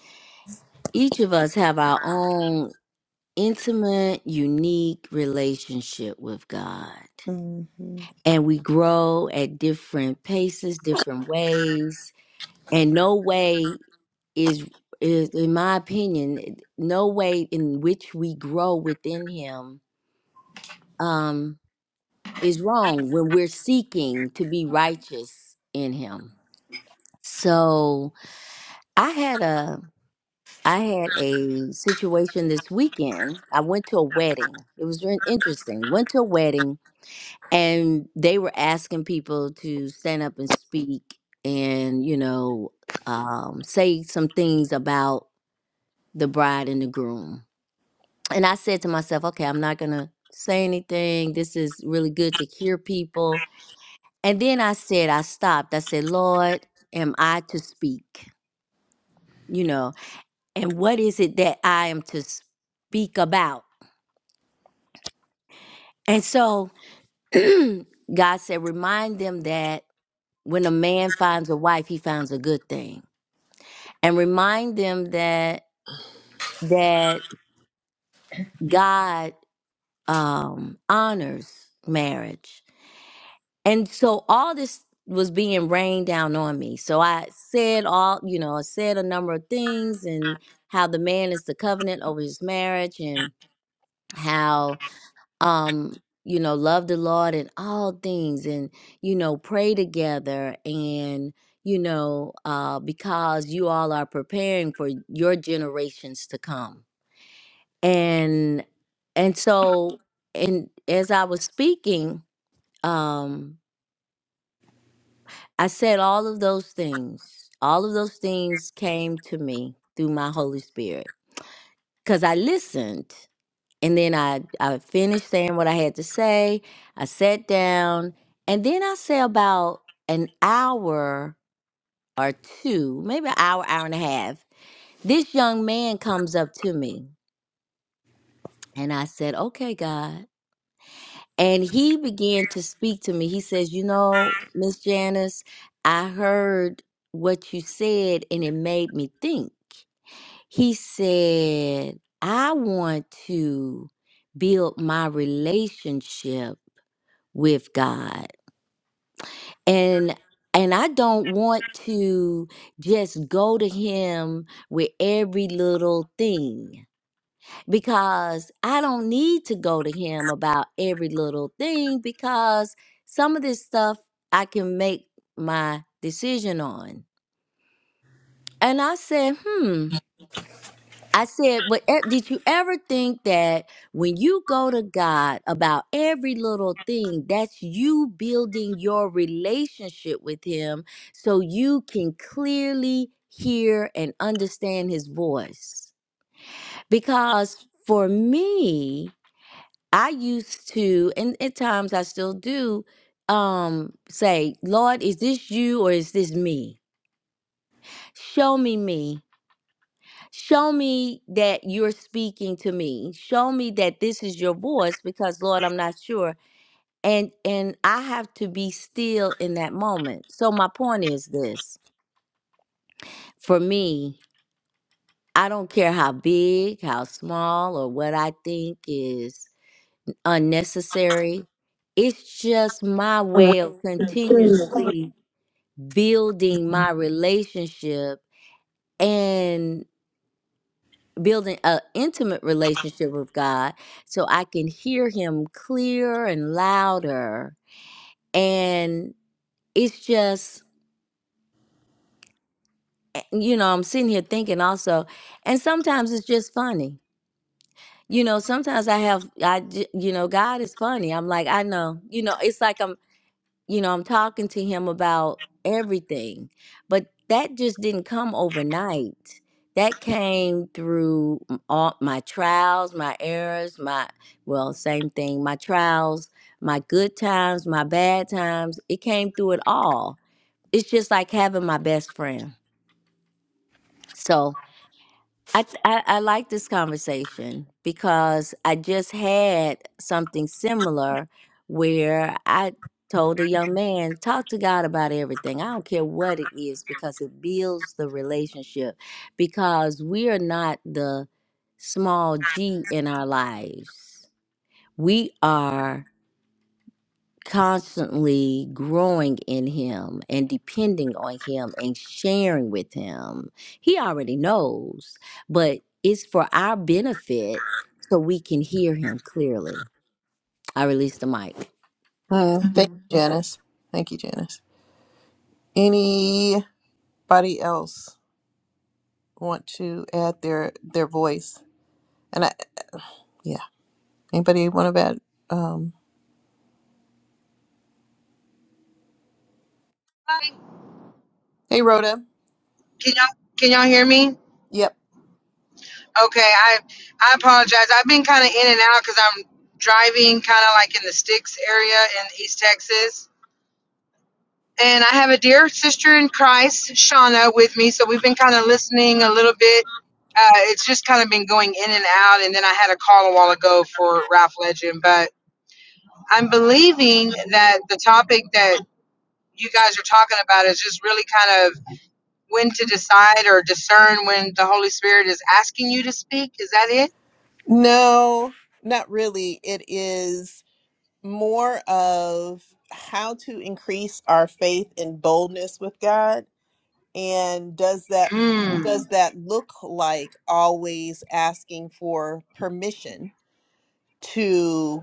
Speaker 6: each of us have our own intimate, unique relationship with God. And we grow at different paces, different ways, and no way is is in my opinion, no way in which we grow within him. Um is wrong when we're seeking to be righteous in him. So I had a I had a situation this weekend. I went to a wedding. It was very interesting. Went to a wedding and they were asking people to stand up and speak and, you know, um, say some things about the bride and the groom. And I said to myself, okay, I'm not going to say anything. This is really good to hear people And then I said, I stopped. I said, Lord, am I to speak? You know, and what is it that I am to speak about? And so (clears throat) God said, remind them that when a man finds a wife, he finds a good thing. And remind them that that God um, honors marriage And so all this was being rained down on me. So I said all, you know, I said a number of things and how the man is the covenant over his marriage and how um you know, love the Lord in all things and you know, pray together and you know, uh because you all are preparing for your generations to come. And and so and as I was speaking, um I said all of those things. All of those things came to me through my Holy Spirit because I listened and then I, I finished saying what I had to say. I sat down and then I say about an hour or two, maybe an hour, hour and a half. This young man comes up to me and I said, Okay, God. And he began to speak to me. He says, You know, Miss Janice, I heard what you said and it made me think. He said, I want to build my relationship with God. And and I don't want to just go to him with every little thing because I don't need to go to him about every little thing because some of this stuff I can make my decision on. And I said, hmm. I said, "What e- did you ever think that when you go to God about every little thing, that's you building your relationship with Him so you can clearly hear and understand His voice? Because for me, I used to, and at times I still do, um, say, Lord, is this you or is this me? Show me me. Show me that you're speaking to me. Show me that this is your voice because Lord, I'm not sure. And and I have to be still in that moment. So my point is this. For me, I don't care how big, how small or what I think is unnecessary. It's just my way of continuously building my relationship and building an intimate relationship with God so I can hear Him clearer and louder. And it's just, eh, you know, I'm sitting here thinking also, and sometimes it's just funny. You know, sometimes I have, I, j- you know, God is funny. I'm like, I know, you know, it's like I'm you know, I'm talking to him about everything. But that just didn't come overnight. That came through m- all my trials, my errors, my, well, same thing, my trials, my good times, my bad times. It came through it all. It's just like having my best friend. So. I, I, I like this conversation because I just had something similar where I told a young man, talk to God about everything. I don't care what it is because it builds the relationship because we are not the small g in our lives. We are constantly growing in him and depending on him and sharing with him. He already knows, but it's for our benefit so we can hear him clearly. I release the mic.
Speaker 2: Mm, thank you, Janice. Thank you, Janice. Any? anybody else want to add their their voice? And I yeah, anybody want to add? Um,
Speaker 7: Hi.
Speaker 2: hey, Rhoda.
Speaker 7: Can y'all can y'all hear me?
Speaker 2: Yep.
Speaker 7: Okay, I I apologize. I've been kind of in and out because I'm driving, kind of like in the sticks area in East Texas. And I have a dear sister in Christ, Shauna, with me. So we've been kind of listening a little bit. Uh, it's just kind of been going in and out. And then I had a call a while ago for Ralph Legend. But I'm believing that the topic that you guys are talking about is just really kind of when to decide or discern when the Holy Spirit is asking you to speak? Is that it?
Speaker 2: No, not really. It is more of how to increase our faith and boldness with God, and does that
Speaker 7: Mm,
Speaker 2: does that look like always asking for permission to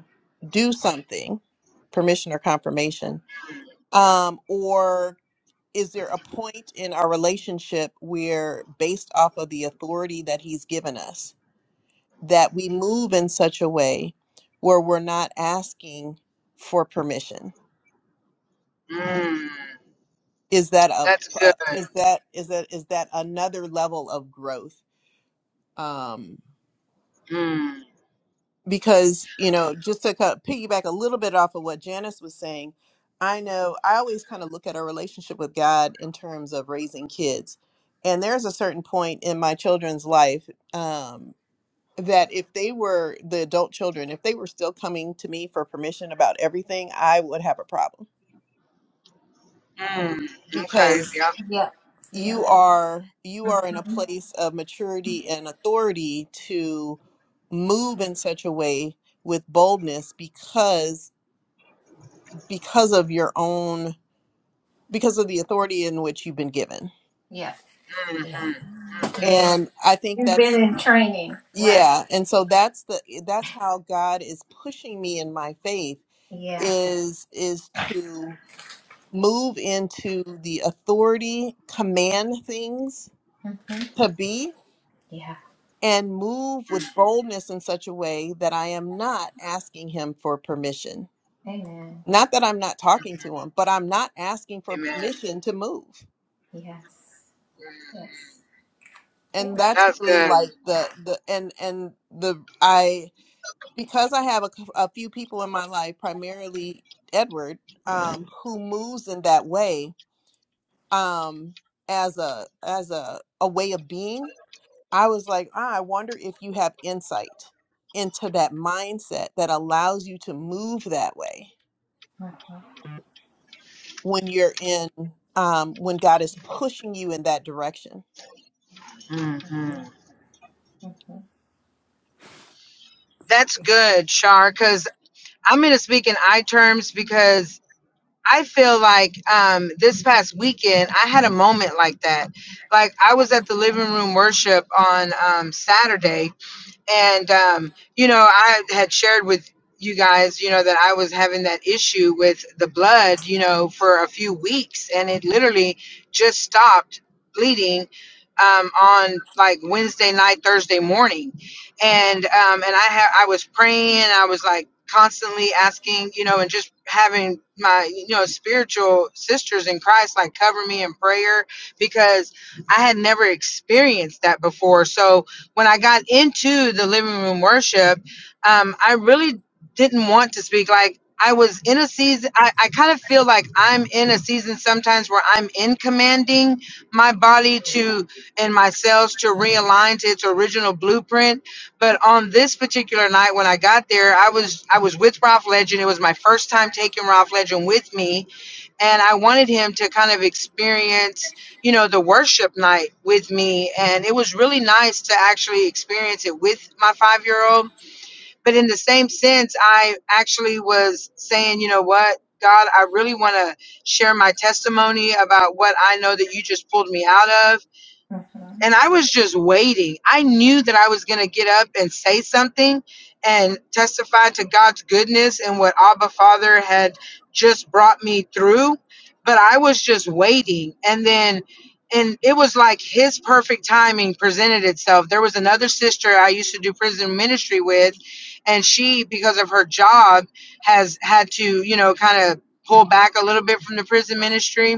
Speaker 2: do something, permission or confirmation? um, or is there a point in our relationship where based off of the authority that he's given us that we move in such a way where we're not asking for permission
Speaker 7: mm,
Speaker 2: is that a
Speaker 7: that's good.
Speaker 2: uh, is that is that is that another level of growth um
Speaker 7: Mm,
Speaker 2: because you know just to kind of piggyback a little bit off of what janice was saying i know i always kind of look at our relationship with god in terms of raising kids and there's a certain point in my children's life Um, that if they were the adult children, if they were still coming to me for permission about everything, I would have a problem
Speaker 7: mm, okay,
Speaker 2: because
Speaker 7: yeah.
Speaker 1: yeah. Yeah.
Speaker 2: you are you are in a
Speaker 1: Mm-hmm.
Speaker 2: place of maturity and authority to move in such a way with boldness because because of your own because of the authority in which you've been given.
Speaker 1: Yeah. Yeah.
Speaker 7: Mm-hmm, mm-hmm,
Speaker 1: Yeah,
Speaker 2: And I think
Speaker 1: you've been
Speaker 2: that's
Speaker 1: in training. Right.
Speaker 2: yeah, and so that's the that's how God is pushing me in my faith
Speaker 1: Yeah.
Speaker 2: is is to move into the authority command things
Speaker 1: hmm
Speaker 2: to be
Speaker 1: Yeah.
Speaker 2: and move with boldness in such a way that I am not asking him for permission.
Speaker 1: Amen.
Speaker 2: Not that I'm not talking to him, but I'm not asking for
Speaker 7: amen.
Speaker 2: permission to move.
Speaker 1: Yes.
Speaker 7: Mm,
Speaker 1: Yes. Yeah.
Speaker 2: And that's
Speaker 7: that's
Speaker 2: really
Speaker 7: good.
Speaker 2: like the the and and the I because I have a, c- a few people in my life, primarily Edward, um, who moves in that way um, as a as a a way of being I was like, ah, I wonder if you have insight into that mindset that allows you to move that way
Speaker 1: Mm-hmm.
Speaker 2: when you're in, um, when God is pushing you in that direction.
Speaker 1: Mm-hmm.
Speaker 7: Mm-hmm.
Speaker 1: Mm-hmm.
Speaker 7: That's good, Shar, because I'm going to speak in I terms because I feel like um, this past weekend I had a moment like that. Like I was at the living room worship on um, Saturday And, um, you know, I had shared with you guys, you know, that I was having that issue with the blood, you know, for a few weeks. And it literally just stopped bleeding um, on like Wednesday night, Thursday morning. And, um, and I had, I was praying, I was like constantly asking, you know, and just having my, you know, spiritual sisters in Christ, like cover me in prayer because I had never experienced that before. So, when I got into the living room worship, um, I really didn't want to speak. Like I was in a season, I, I kind of feel like I'm in a season sometimes where I'm in commanding my body to and my cells to realign to its original blueprint. But on this particular night when I got there, I was I was with Ralph Legend. It was my first time taking Ralph Legend with me and I wanted him to kind of experience, you know, the worship night with me. And it was really nice to actually experience it with my five year old. But in the same sense, I actually was saying, you know what, God, I really want to share my testimony about what I know that you just pulled me out of
Speaker 1: Mm-hmm.
Speaker 7: and I was just waiting. I knew that I was going to get up and say something and testify to God's goodness and what Abba Father had just brought me through, but I was just waiting. And then and it was like his perfect timing presented itself. There was another sister I used to do prison ministry with, and she, because of her job, has had to, you know, kind of pull back a little bit from the prison ministry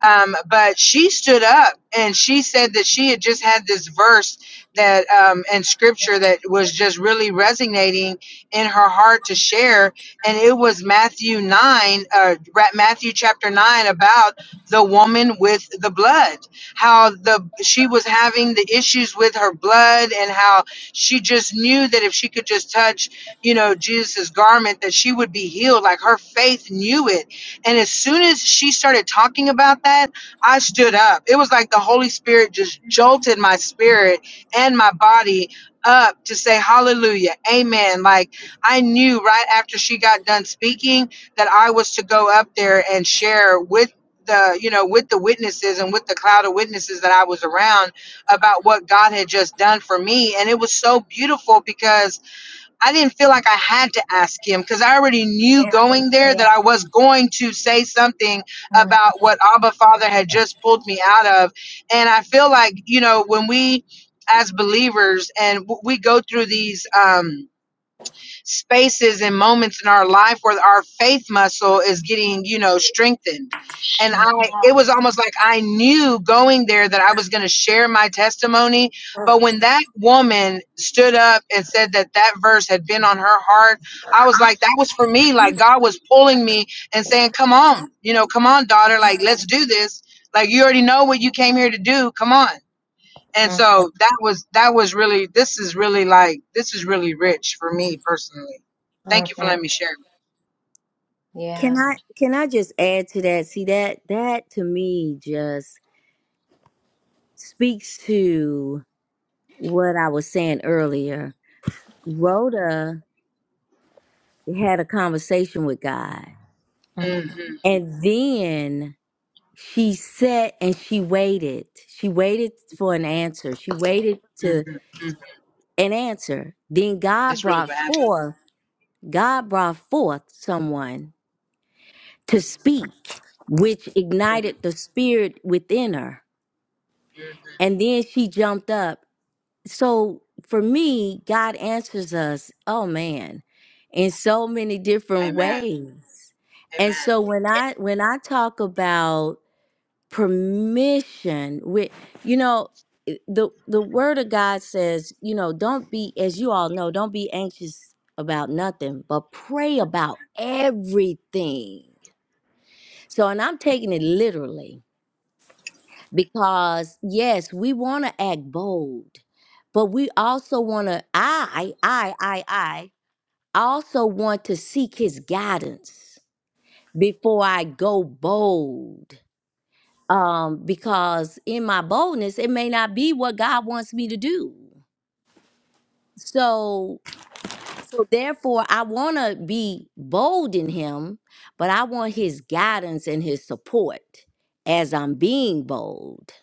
Speaker 7: um, but she stood up and she said that she had just had this verse that um, and scripture that was just really resonating in her heart to share, and it was Matthew nine, uh, Ra- Matthew chapter nine about the woman with the blood, how the she was having the issues with her blood, and how she just knew that if she could just touch, you know, Jesus's garment, that she would be healed. Like her faith knew it and as soon as she started talking about that, I stood up. It was like the Holy Spirit just jolted my spirit and my body up to say hallelujah, amen. Like I knew right after she got done speaking that I was to go up there and share with the you know with the witnesses and with the cloud of witnesses that I was around about what God had just done for me and it was so beautiful because I didn't feel like I had to ask him because I already knew
Speaker 1: Yeah.
Speaker 7: going there that
Speaker 1: Yeah.
Speaker 7: I was going to say something
Speaker 1: Mm-hmm.
Speaker 7: about what Abba Father had just pulled me out of. And I feel like, you know, when we as believers and w- we go through these, um, spaces and moments in our life where our faith muscle is getting, you know, strengthened. And I,
Speaker 1: Yeah.
Speaker 7: it was almost like I knew going there that I was going to share my testimony. But when that woman stood up and said that that verse had been on her heart, I was like, that was for me. Like God was pulling me and saying, come on, you know, come on, daughter, like, let's do this. Like, you already know what you came here to do. Come on and
Speaker 1: Mm-hmm.
Speaker 7: so that was that was really this is really like this is really rich for me personally thank you for
Speaker 1: Mm-hmm.
Speaker 7: letting me share
Speaker 1: Yeah.
Speaker 6: Can I can I just add to that? See that that to me just speaks to what I was saying earlier. Rhoda had a conversation with God
Speaker 7: hmm
Speaker 6: and then she sat and she waited. She waited for an answer. She waited
Speaker 7: hmm
Speaker 6: to
Speaker 7: hmm
Speaker 6: an answer. Then God
Speaker 7: that's really
Speaker 6: brought
Speaker 7: what happened
Speaker 6: forth, God brought forth someone to
Speaker 7: hmm
Speaker 6: speak, which
Speaker 7: hmm
Speaker 6: ignited the spirit within her. And then she jumped up. So for me, God answers us, oh man, in so many different
Speaker 7: amen
Speaker 6: ways. And
Speaker 7: amen
Speaker 6: so when I when I talk about permission with you know it- the the word of god says you know don't be as you all know don't be anxious about nothing but pray about everything so and i'm taking it literally because yes we want to act bold but we also want to i i i i also want to seek his guidance before i go bold um, because in my boldness, it may not be what God wants me to do. So, so therefore, I want to be bold in Him, but I want His guidance and His support as I'm being bold.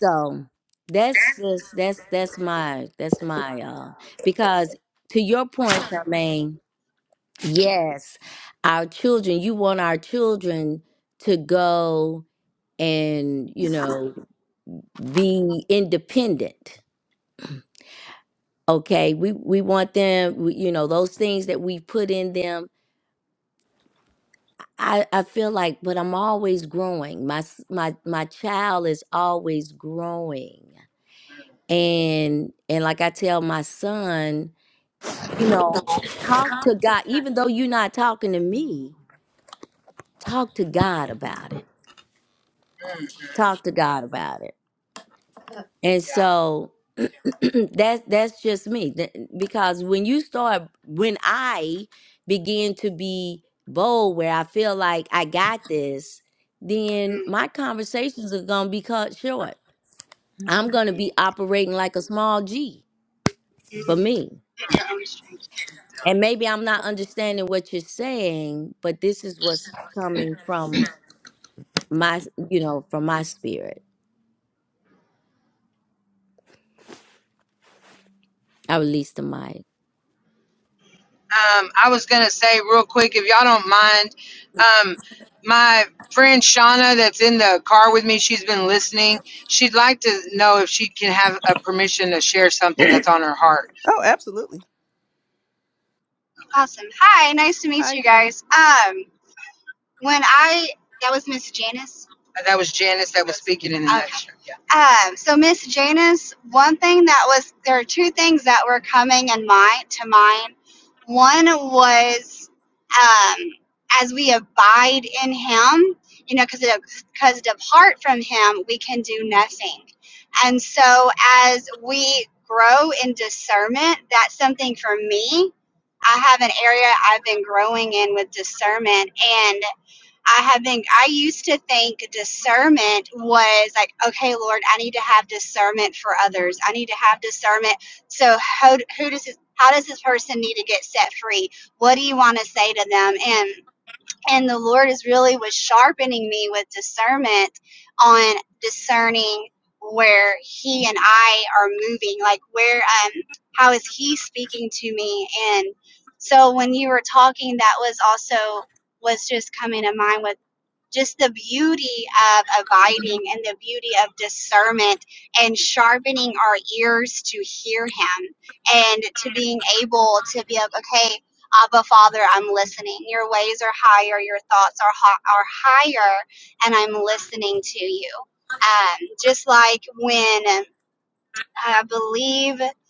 Speaker 6: So that's just that's that's my that's my uh because to your point, Charmaine, yes, our children. You want our children to go and you know be independent okay we we want them we, you know those things that we put in them i i feel like but i'm always growing my s- my my child is always growing and and like i tell my son you know talk to god even though you're not talking to me talk to god about it talk to god about it And
Speaker 7: yeah
Speaker 6: so (clears throat) that's that's just me. That- Because when you start when I begin to be bold where I feel like I got this, then my conversations are gonna be cut short. I'm gonna be operating like a small G for me. And maybe I'm not understanding what you're saying, but this is what's coming from my you know, from my spirit. I released the mic.
Speaker 7: um i was gonna say real quick if y'all don't mind um my friend shauna that's in the car with me she's been listening she'd like to know if she can have a permission to share something that's on her heart
Speaker 2: Oh, absolutely.
Speaker 7: Awesome. Hi, nice to meet
Speaker 2: Hi,
Speaker 7: you
Speaker 2: Shauna.
Speaker 7: guys. Um, when I that was Miss Janice. Uh, That was Janice that was speaking in the Okay. next room. Yeah. Um, so Miss Janice, one thing that was there are two things that were coming in mind to mind. One was um, as we abide in Him, you know, because because apart from Him we can do nothing. And so as we grow in discernment, that's something for me. I have an area I've been growing in with discernment, and. I haven't, I used to think discernment was like, okay, Lord, I need to have discernment for others. I need to have discernment. So, how, who does this, how does this person need to get set free? What do you want to say to them? And, and the Lord is really was sharpening me with discernment on discerning where he and I are moving, like where, um, how is he speaking to me? And so when you were talking, that was also was just coming to mind was just the beauty of abiding and the beauty of discernment and sharpening our ears to hear him and to being able to be like, okay, Abba Father, I'm listening. Your ways are higher, your thoughts are ho- are higher, and I'm listening to you. Um, just like when um, I believe it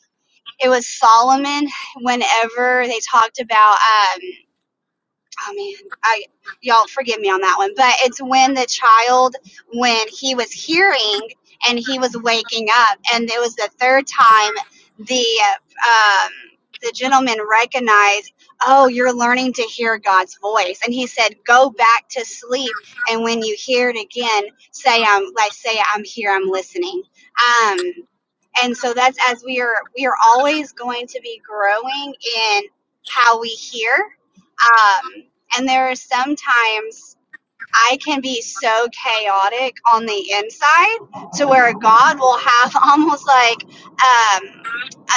Speaker 7: was Solomon, whenever they talked about. um, oh man, I y'all forgive me on that one, but it's when the child when he was hearing and he was waking up, and it was the third time the um, the gentleman recognized, oh, you're learning to hear God's voice, and he said, go back to sleep, and when you hear it again, say I'm like say I'm here, I'm listening. Um, and so that's as we are we are always going to be growing in how we hear. Um, and there are sometimes. I can be so chaotic on the inside to where God will have (laughs) almost like um,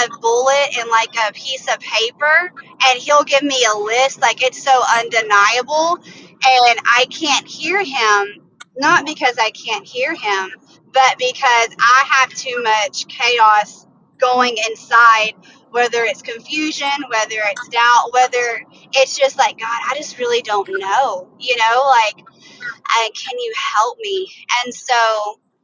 Speaker 7: a bullet and like a piece of paper, and He'll give me a list. Like it's so undeniable, and I can't hear Him, not because I can't hear Him, but because I have too much chaos going inside. Whether it's confusion, whether it's doubt, whether it's just like, God, I just really don't know, you know, like I, can you help me? And so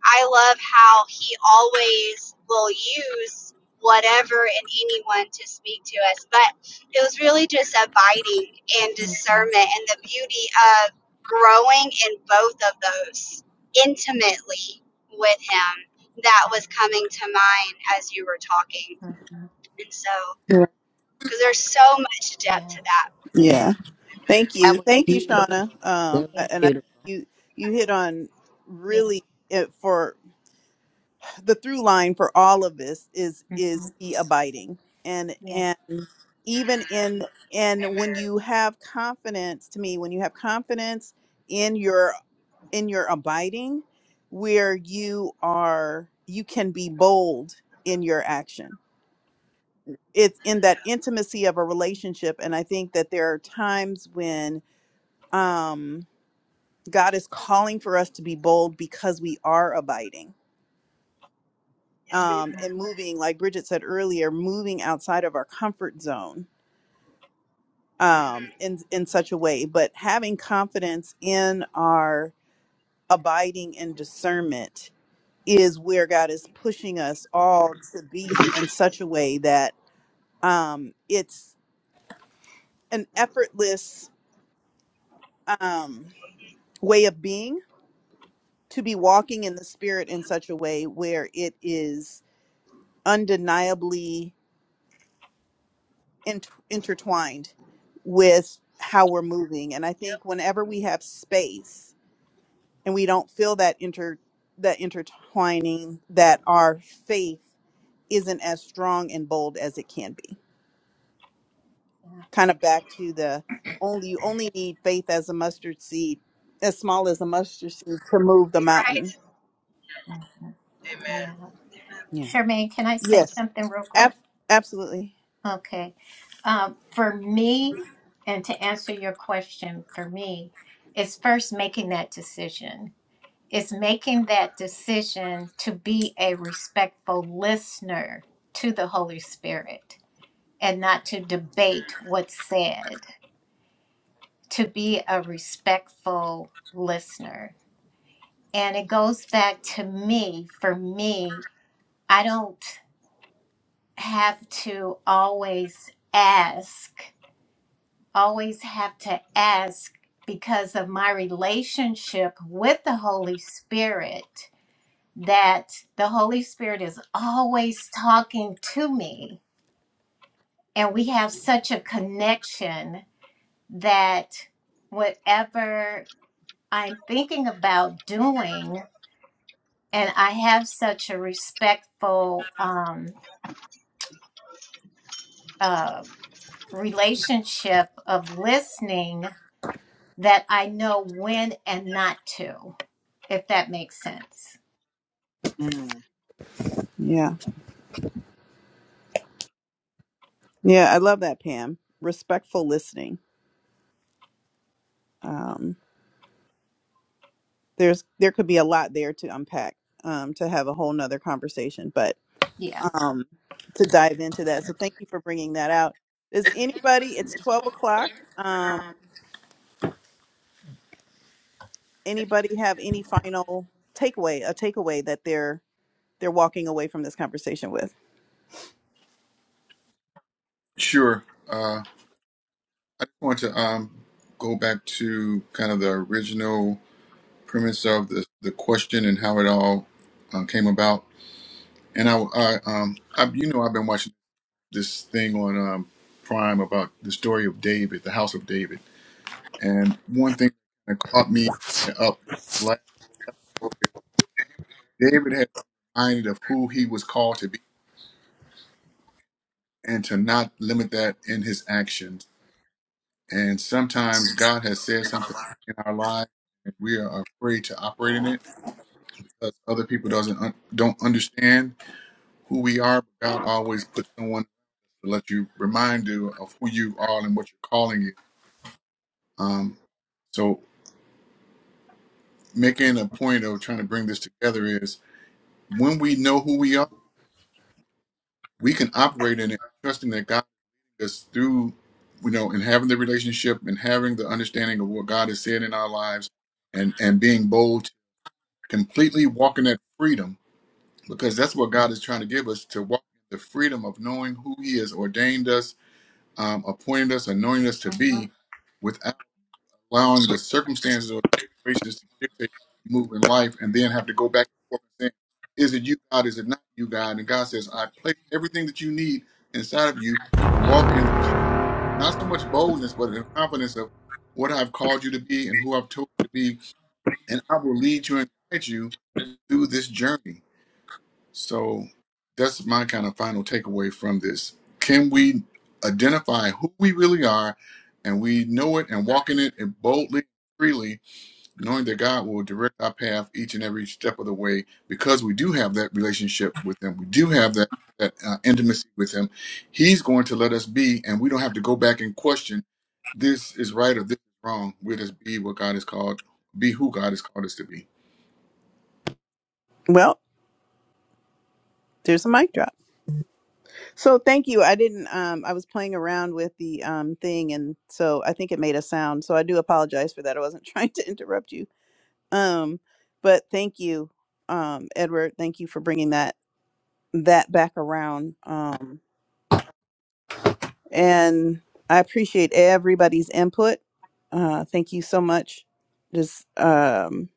Speaker 7: I love how he always will use whatever and anyone to speak to us. But it was really just abiding and
Speaker 1: Mm-hmm.
Speaker 7: discernment and the beauty of growing in both of those intimately with him that was coming to mind as you were talking.
Speaker 1: Mm-hmm.
Speaker 7: And so,
Speaker 2: Yeah.
Speaker 7: because there's so much depth
Speaker 1: Yeah.
Speaker 7: to that.
Speaker 1: Yeah.
Speaker 2: Yeah. Thank
Speaker 6: That
Speaker 2: you.
Speaker 6: was
Speaker 2: Thank you,
Speaker 6: beautiful.
Speaker 2: Shauna.
Speaker 6: That
Speaker 2: Um,
Speaker 1: Yeah.
Speaker 6: was
Speaker 2: a- and I
Speaker 6: beautiful.
Speaker 2: you you hit on
Speaker 1: Yeah.
Speaker 2: really it for. the through line for all of this is is
Speaker 1: Mm-hmm.
Speaker 2: the abiding and
Speaker 1: Yeah.
Speaker 2: and even in and when
Speaker 7: Amen.
Speaker 2: you have confidence to me when you have confidence in your in your abiding where you are you can be bold in your action it's in that intimacy of a relationship and i think that there are times when um god is calling for us to be bold because we are abiding
Speaker 7: Yes, ma'am.
Speaker 2: um, and
Speaker 1: Mm-hmm.
Speaker 2: moving, like Bridget said earlier, moving outside of our comfort zone um, in in such a way, but having confidence in our abiding in discernment is where God is pushing us all to be in such a way that um, it's an effortless um, way of being to be walking in the Spirit in such a way where it is undeniably int intertwined with how we're moving and i think whenever we have space and we don't feel that inter that intertwining that our faith isn't as strong and bold as it can be kind of back to the only you only need faith as a mustard seed as small as a mustard seed to move
Speaker 7: (laughs)
Speaker 2: the mountain
Speaker 7: You're
Speaker 1: Yeah.
Speaker 2: Yeah.
Speaker 1: Charmaine, can I say
Speaker 2: yes
Speaker 1: something real quick?
Speaker 2: ab- absolutely
Speaker 1: Okay. Um, for me, and to answer your question, for me, it's first making that decision. It's making that decision to be a respectful listener to the Holy Spirit and not to debate what's said, to be a respectful listener. And it goes back to me, for me, I don't have to always ask always have to ask because of my relationship with the Holy Spirit that the Holy Spirit is always talking to me. And we have such a connection that whatever I'm thinking about doing, and I have such a respectful um, uh, relationship of listening that I know when and not to. if that makes sense.
Speaker 7: right. Mm.
Speaker 2: yeah yeah i love that pam respectful listening Um. there's there could be a lot there to unpack um, to have a whole nother conversation but
Speaker 1: Yeah.
Speaker 2: um, to dive into that so thank you for bringing that out does anybody it's 12 o'clock um, anybody have any final takeaway a takeaway that they're they're walking away from this conversation with
Speaker 4: Sure. Uh, I just want to um, go back to kind of the original. premise of the, the question and how it all uh, came about. And I, I, um, I, you know, I've been watching this thing on um, Prime about the story of David, the House of David. And one thing that caught me up last episode is David had reminded of who he was called to be and to not limit that in his actions. And sometimes God has said something in our lives and we are afraid to operate in it because other people doesn't un- don't understand who we are. But God always puts someone to let you remind you of who you are and what your calling is. Um, so making a point of trying to bring this together is when we know who we are, we can operate in it, trusting that God is through, you know, and having the relationship and having the understanding of what God has said in our lives, and and being bold, completely walking that freedom because that's what God is trying to give us to walk in the freedom of knowing who He has ordained us um, appointed us, anointed us to be, without allowing the circumstances or situations to dictate how we move in life, and then have to go back and forth and saying, "Is it you, God? Is it not you, God?" And God says, "I place everything that you need inside of you. Walk in the, con- not so much boldness, but in confidence of what I've called you to be and who I've told you to be, and I will lead you and guide you through this journey." So that's my kind of final takeaway from this. Can we identify who we really are and we know it and walk in it and boldly, freely, knowing that God will direct our path each and every step of the way because we do have that relationship with Him. We do have that, that uh, intimacy with Him. He's going to let us be, and we don't have to go back and question this is right or this is wrong. We'll just be what God has called, be who God has called us to be.
Speaker 2: well there's a mic drop so thank you i didn't um, i was playing around with the um, thing and so i think it made a sound so i do apologize for that i wasn't (laughs) trying to interrupt you Um, but thank you, um, Edward. Thank you for bringing that that back around. Um, and I appreciate everybody's input. Uh, thank you so much. Just um,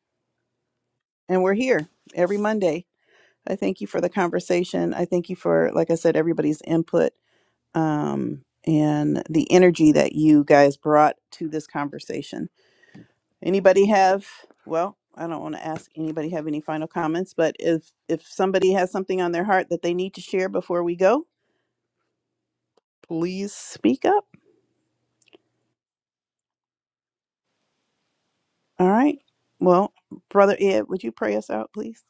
Speaker 2: and we're here every Monday. I thank you for the conversation. I thank you for, like I said, everybody's input um, and the energy that you guys brought to this conversation. Anybody have, well, I don't want to ask anybody have any final comments, but if if somebody has something on their heart that they need to share before we go, please speak up. All right. Well, brother Ed, would you pray us out, please?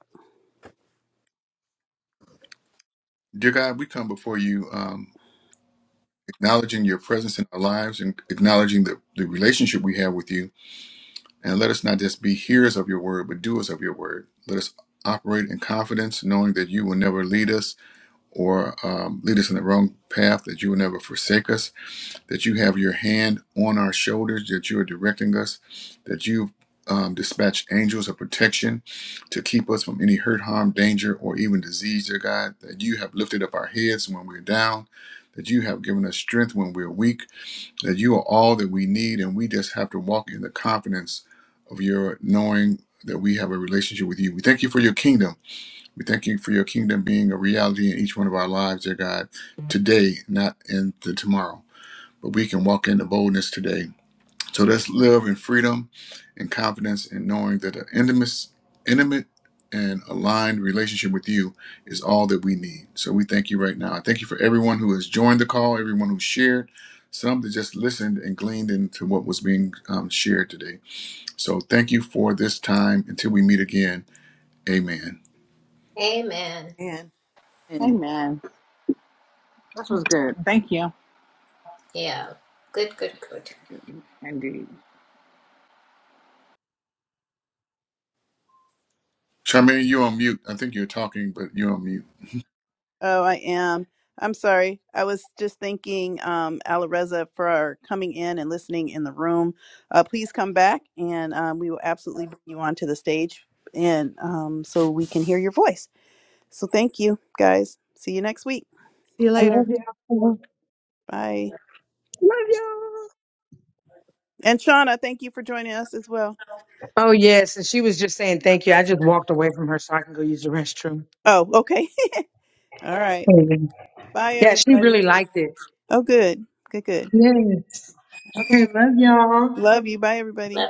Speaker 4: Dear God, we come before you um, acknowledging your presence in our lives and acknowledging the, the relationship we have with you. And let us not just be hearers of your word, but doers of your word. Let us operate in confidence, knowing that you will never lead us or um, lead us in the wrong path, that you will never forsake us, that you have your hand on our shoulders, that you are directing us, that you've um, dispatched angels of protection to keep us from any hurt, harm, danger, or even disease, dear God, that you have lifted up our heads when we're down, that you have given us strength when we're weak, that you are all that we need, and we just have to walk in the confidence of your knowing that we have a relationship with you. We thank you for your kingdom. We thank you for your kingdom being a reality in each one of our lives, dear God, today, not in the tomorrow. But we can walk in the boldness today. So let's live in freedom and confidence in knowing that an intimate, intimate and aligned relationship with you is all that we need. So we thank you right now. I thank you for everyone who has joined the call, everyone who shared, some that just listened and gleaned into what was being um, shared today. So thank you for this time. Until we meet again, amen.
Speaker 1: Amen.
Speaker 7: And
Speaker 5: Amen. This was good. Thank you.
Speaker 1: Yeah. Good, good, good.
Speaker 5: Indeed.
Speaker 4: Charmaine, you're on mute. I think you're talking, but you're on mute.
Speaker 2: Oh, I am. I'm sorry. I was just thanking um, Alareza for coming in and listening in the room. Uh, please come back, and um, we will absolutely bring you onto the stage, and um, so we can hear your voice. So thank you, guys. See you next week.
Speaker 7: I love you.
Speaker 2: Bye.
Speaker 7: Love y'all.
Speaker 2: And Shauna, thank you for joining us as well.
Speaker 7: Oh yes, and she was just saying thank you. I just walked away from her so I can go use the restroom.
Speaker 2: Oh, okay. (laughs) All right. Bye,
Speaker 7: Yeah, she
Speaker 2: everybody.
Speaker 7: really liked it.
Speaker 2: Oh, good. Good, good.
Speaker 7: Yes. Okay, love y'all.
Speaker 2: Love you. Bye, everybody.